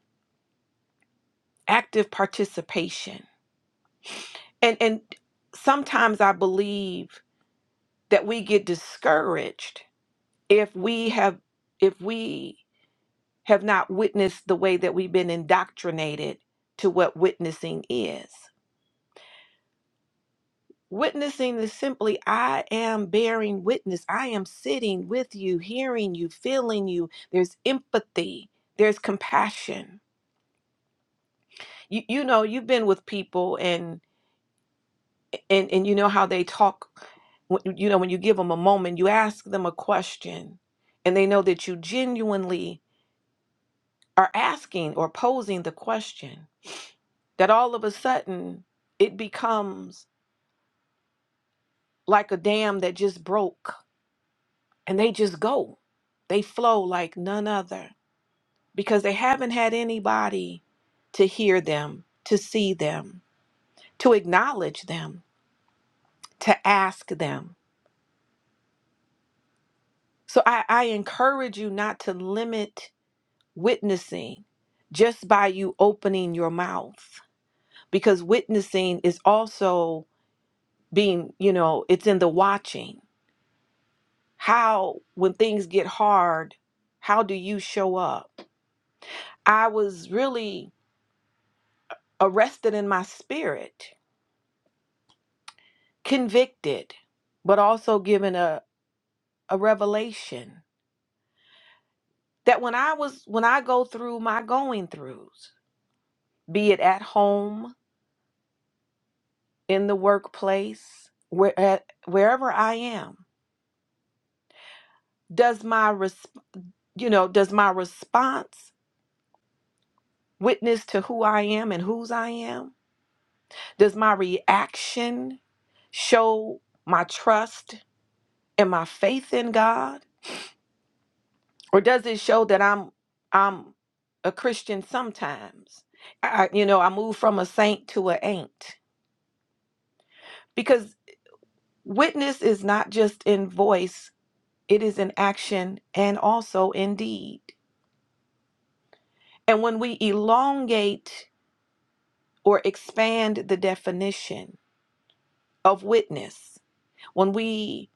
A: active participation. And and sometimes I believe that we get discouraged if we have if we have not witnessed the way that we've been indoctrinated to what witnessing is. Witnessing is simply I am bearing witness. I am sitting with you, hearing you, feeling you. There's empathy, there's compassion. You, you know, you've been with people and and and you know how they talk when- you know when you give them a moment, you ask them a question and they know that you genuinely are asking or posing the question that all of a sudden it becomes like a dam that just broke and they just go. They flow like none other because they haven't had anybody to hear them, to see them, to acknowledge them, to ask them. So I, I encourage you not to limit witnessing just by you opening your mouth because witnessing is also being, you know, it's in the watching how when things get hard how do you show up i was really arrested in my spirit convicted but also given a, a revelation that when i was when i go through my going throughs be it at home in the workplace where at, wherever i am does my res- you know does my response witness to who i am and whose i am Does my reaction show my trust and my faith in God? Or does it show that I'm I'm a Christian sometimes? I, I- you know, I move from a saint to a ain't. Because witness is not just in voice, it is in action and also in deed. And when we elongate or expand the definition of witness, when we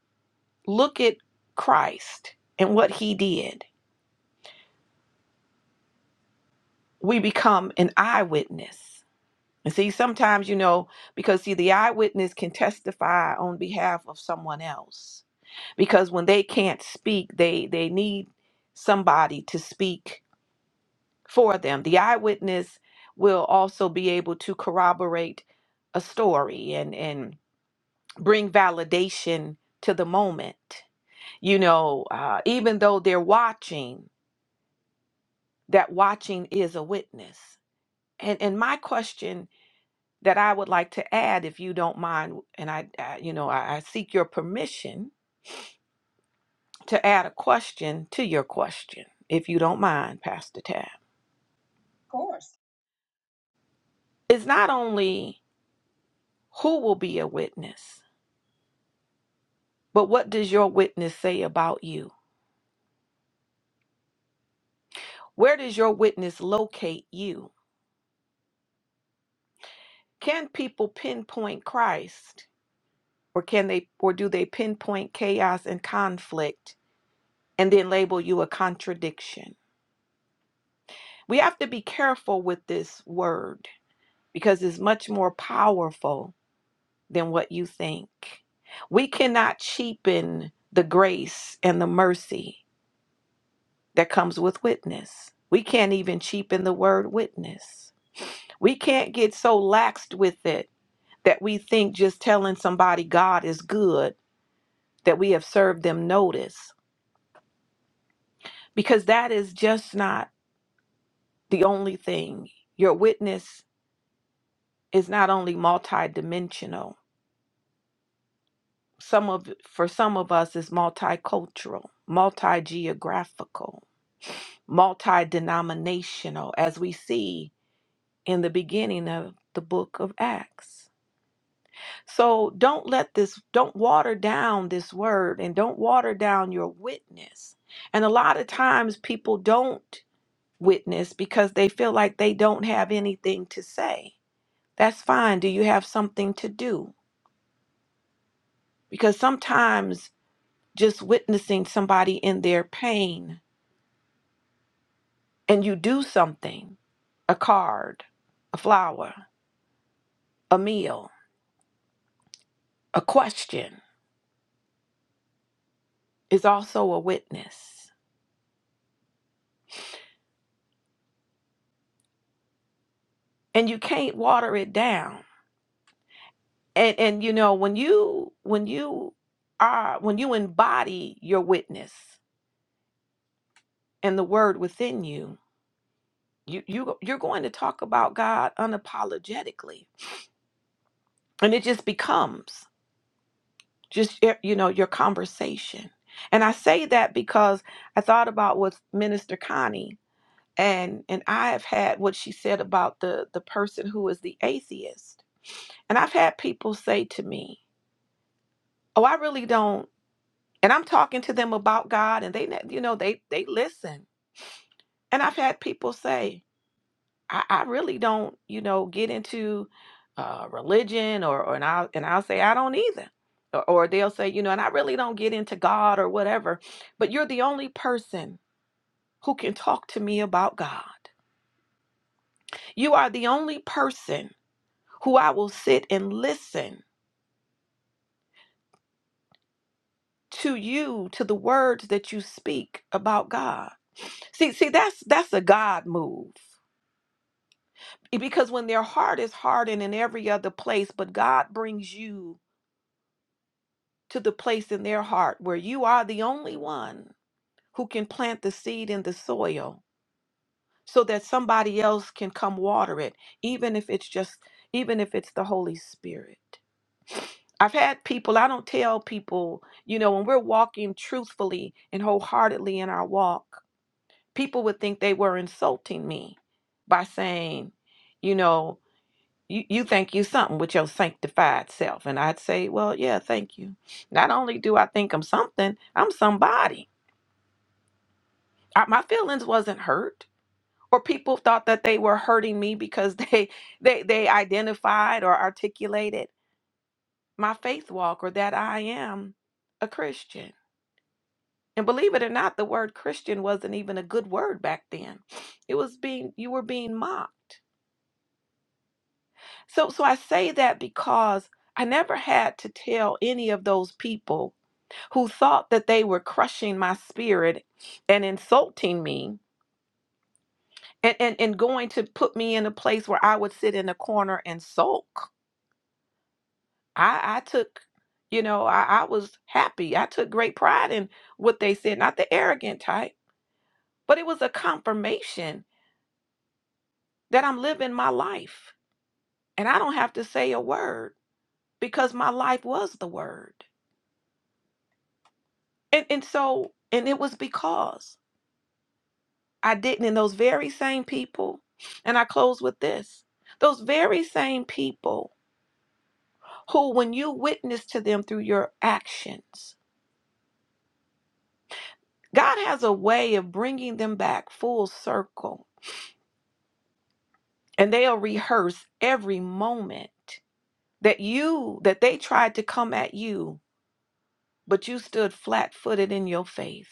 A: look at Christ and what he did, we become an eyewitness. And see, sometimes, you know, because see, the eyewitness can testify on behalf of someone else. Because when they can't speak, they they need somebody to speak for them. The eyewitness will also be able to corroborate a story and and bring validation to the moment. You know, uh, even though they're watching, that watching is a witness. And and my question that I would like to add, if you don't mind, and I, I you know, I, I seek your permission to add a question to your question, if you don't mind, Pastor Tab.
B: course.
A: It's not only who will be a witness, but what does your witness say about you? Where does your witness locate you? Can people pinpoint Christ, or can they, or do they pinpoint chaos and conflict, and then label you a contradiction? We have to be careful with this word because it's much more powerful than what you think. We cannot cheapen the grace and the mercy that comes with witness. We can't even cheapen the word witness. We can't get so laxed with it that we think just telling somebody God is good that we have served them notice because that is just not the only thing. Your witness is not only multidimensional. some of for some of us is multicultural, multi-geographical, multi-denominational as we see in the beginning of the book of Acts. So don't let this don't water down this word and don't water down your witness. And a lot of times people don't witness because they feel like they don't have anything to say. That's fine. Do you have something to do? Because sometimes just witnessing somebody in their pain and you do something a card, a flower, a meal, a question is also a witness. And you can't water it down. And and you know when you when you are when you embody your witness and the word within you, you you you're going to talk about God unapologetically. And it just becomes. just your- you know your conversation and i say that because i thought about with minister connie and and i have had what she said about the the person who is the atheist and i've had people say to me oh i really don't and i'm talking to them about god and they ne- you know they they listen and i've had people say I, I really don't, you know, get into uh, religion or, or and I'll and I'll say I don't either. Or, or they'll say, you know, and I really don't get into God or whatever, but you're the only person who can talk to me about God. You are the only person who I will sit and listen to you to the words that you speak about God. See, see, that's that's a God move. Because when their heart is hardened in every other place, but God brings you to the place in their heart where you are the only one who can plant the seed in the soil so that somebody else can come water it, even if it's just, even if it's the Holy Spirit. I've had people, I don't tell people, you know, when we're walking truthfully and wholeheartedly in our walk, people would think they were insulting me by saying, you know, you, you think you something with your sanctified self. And I'd say, well, yeah, thank you. Not only do I think I'm something, I'm somebody. I, my feelings wasn't hurt or people thought that they were hurting me because they, they, they identified or articulated my faith walk or that I am a Christian. And believe it or not, the word Christian wasn't even a good word back then. It was being, you were being mocked. So, so I say that because I never had to tell any of those people who thought that they were crushing my spirit and insulting me and, and, and going to put me in a place where I would sit in a corner and sulk. I, I took, you know, I, I was happy. I took great pride in what they said, not the arrogant type, but it was a confirmation that I'm living my life and I don't have to say a word because my life was the word. And, and so, and it was because I didn't. And those very same people, and I close with this those very same people who, when you witness to them through your actions, God has a way of bringing them back full circle. And they'll rehearse every moment that you, that they tried to come at you, but you stood flat footed in your faith.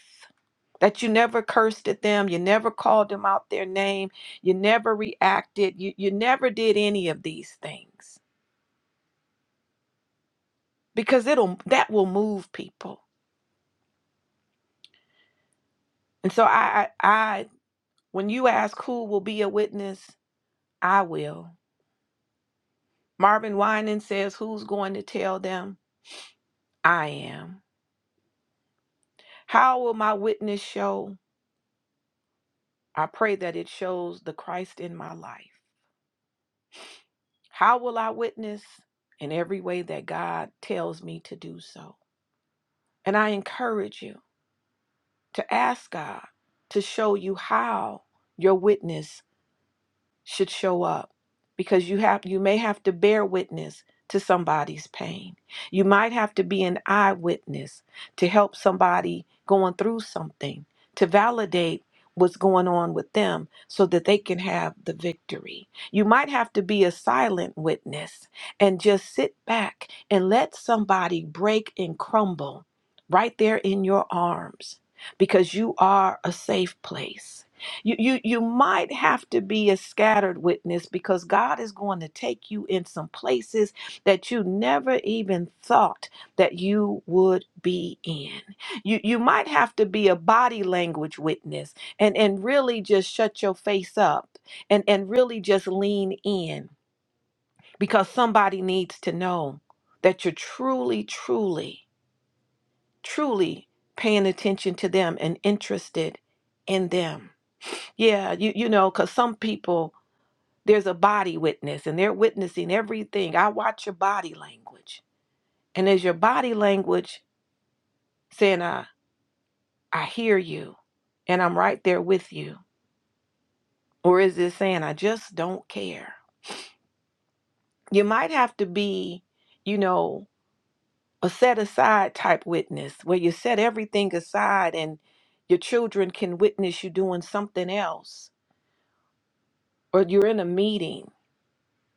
A: That you never cursed at them, you never called them out their name, you never reacted, you, you never did any of these things because it'll that will move people. And so I, I, I when you ask who will be a witness, I will. Marvin Winan says, "Who's going to tell them? I am. How will my witness show? I pray that it shows the Christ in my life. How will I witness in every way that God tells me to do so? And I encourage you to ask God to show you how your witness should show up because you have you may have to bear witness to somebody's pain. You might have to be an eyewitness to help somebody going through something, to validate what's going on with them so that they can have the victory. You might have to be a silent witness and just sit back and let somebody break and crumble right there in your arms because you are a safe place. You, you you might have to be a scattered witness because God is going to take you in some places that you never even thought that you would be in. You you might have to be a body language witness and and really just shut your face up and and really just lean in because somebody needs to know that you're truly truly truly paying attention to them and interested in them. Yeah, you you know, because some people there's a body witness and they're witnessing everything. I watch your body language, and is your body language saying I I hear you, and I'm right there with you, or is it saying I just don't care? You might have to be, you know, a set aside type witness where you set everything aside and your children can witness you doing something else, or you're in a meeting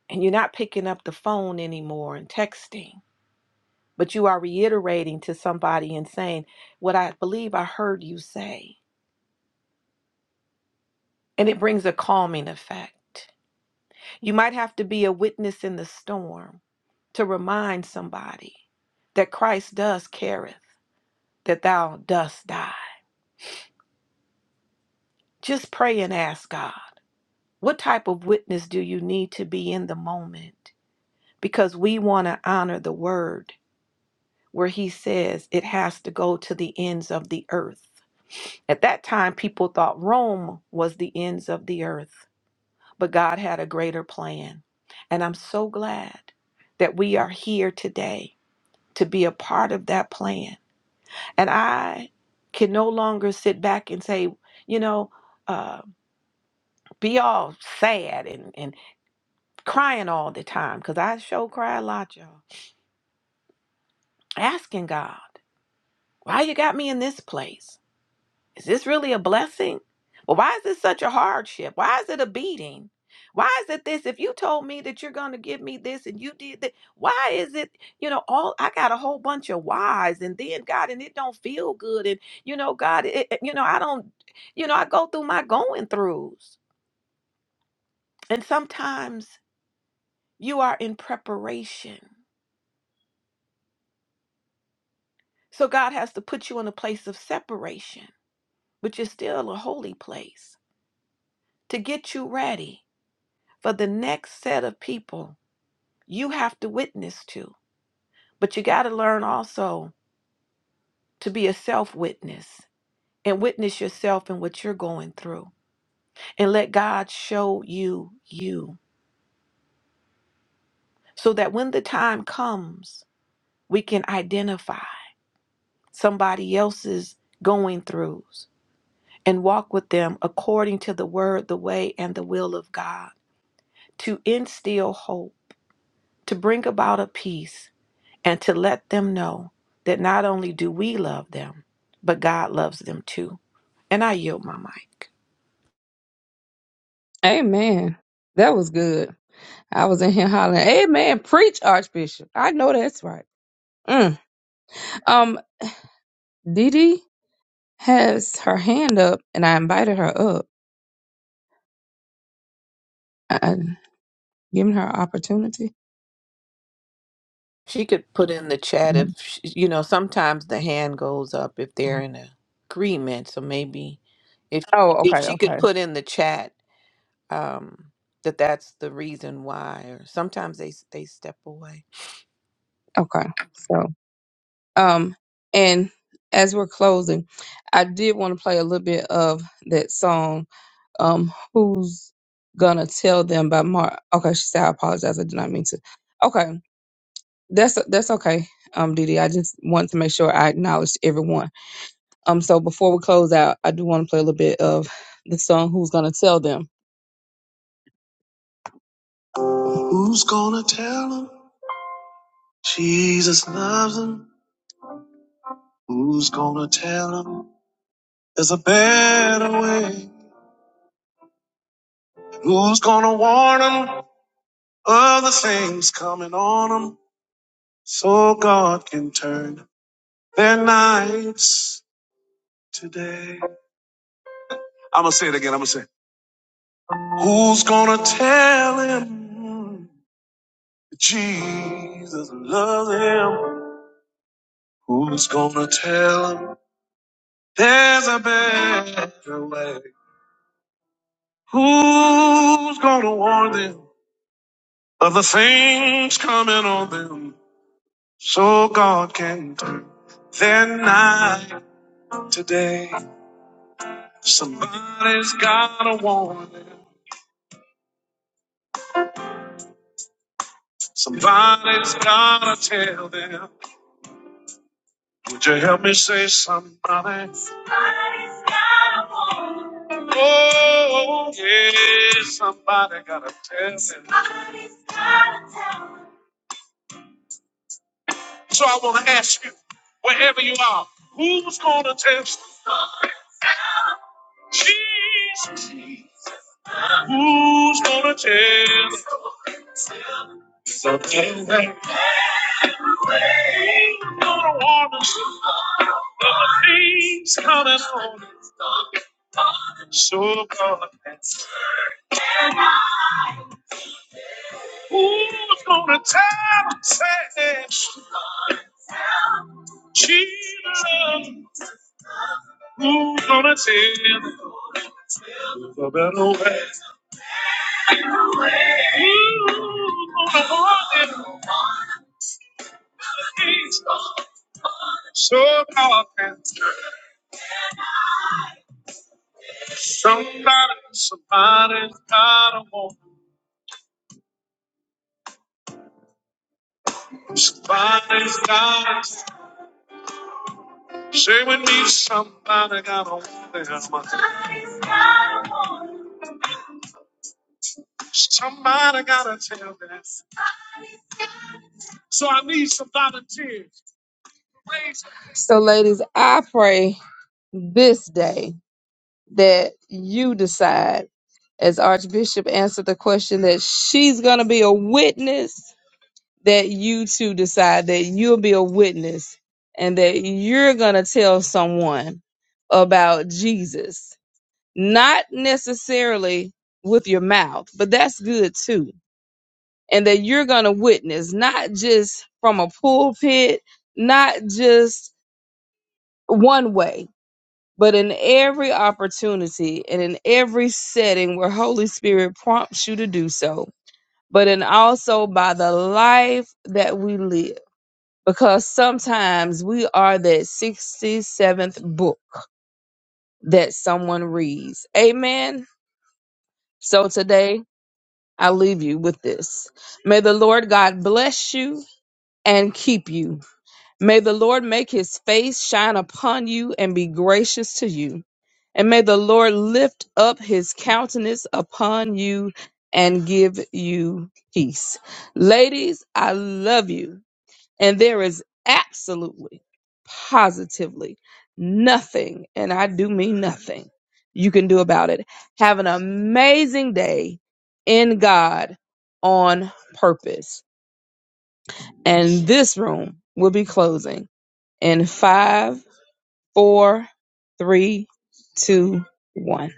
A: and you're not picking up the phone anymore and texting but you are reiterating to somebody and saying what I believe I heard you say. And it brings a calming effect. You might have to be a witness in the storm to remind somebody that Christ does careth, that thou dost die. Just pray and ask God, what type of witness do you need to be in the moment? Because we want to honor the word where he says it has to go to the ends of the earth. At that time, people thought Rome was the ends of the earth, but God had a greater plan. And I'm so glad that we are here today to be a part of that plan. And I can no longer sit back and say, you know, uh, be all sad and, and crying all the time, because I sure cry a lot, y'all. Asking God, why you got me in this place? Is this really a blessing? Well, why is this such a hardship? Why is it a beating? Why is it this? If you told me that you're going to give me this and you did that, why is it, you know, all I got a whole bunch of whys and then God, and it don't feel good. And, you know, God, it, it- you know, I don't, you know, I go through my going throughs. And sometimes you are in preparation. So God has to put you in a place of separation, which is still a holy place to get you ready for the next set of people you have to witness to. But you got to learn also to be a self witness and witness yourself and what you're going through and let God show you you so that when the time comes, we can identify somebody else's going throughs and walk with them according to the word, the way, and the will of God to instill hope, to bring about a peace and to let them know that not only do we love them, but God loves them too. And I yield my mic.
B: Amen. That was good. I was in here hollering, Amen. Preach, Archbishop. I know that's right. Mm. Um, Didi. has her hand up, and I invited her up, uh, giving her opportunity.
A: She could put in the chat if,
B: Mhm.
A: sh you know, sometimes the hand goes up if they're in agreement. So maybe if,
B: Oh,
A: if
B: okay,
A: she could
B: okay,
A: put in the chat um, that that's the reason why, or sometimes they, s- they step away.
B: okay. So, um, and as we're closing, I did want to play a little bit of that song. Um, who's gonna tell them by Mark? Okay, she said I apologize. I did not mean to. Okay, that's that's okay. Um, Didi, I just want to make sure I acknowledge everyone. Um, so before we close out, I do want to play a little bit of the song "Who's Gonna Tell Them." Who's gonna tell him Jesus loves him? Who's gonna tell him there's a better way? Who's gonna warn him of the things coming on him so God can turn their nights to day? I'm gonna say it again. I'm gonna say, it. Who's gonna tell him Jesus loves him? Who's gonna tell him there's a better way? Who's gonna warn them of the things coming on them so God can turn their night today? Somebody's gotta warn them. Somebody's gotta tell them. Would you help me say somebody? Oh, yeah, somebody gotta tell them. So I wanna ask you, wherever you are, who's gonna tell them? Jesus? Who's gonna tell? Who's gonna warn us of the things coming on? So gonna Who's gonna tell? Say Jesus. Who's gonna tell? about The better way. Who's gonna warn them of the things so powerful? Somebody, somebody's got a woman. Somebody's got a Say with me, somebody got a woman. Somebody gotta tell that. So I need some volunteers. So, ladies, I pray this day that you decide, as Archbishop answered the question, that she's going to be a witness, that you too decide that you'll be a witness and that you're going to tell someone about Jesus. Not necessarily with your mouth, but that's good too and that you're going to witness, not just from a pulpit, not just one way, but in every opportunity and in every setting where Holy Spirit prompts you to do so, but in also by the life that we live. Because sometimes we are that 67th book that someone reads. Amen. So today I leave you with this. May the Lord God bless you and keep you. May the Lord make his face shine upon you and be gracious to you. And may the Lord lift up his countenance upon you and give you peace. Ladies, I love you. And there is absolutely, positively nothing, and I do mean nothing, you can do about it. Have an amazing day in God on purpose. And this room will be closing in five, four, three, two, one.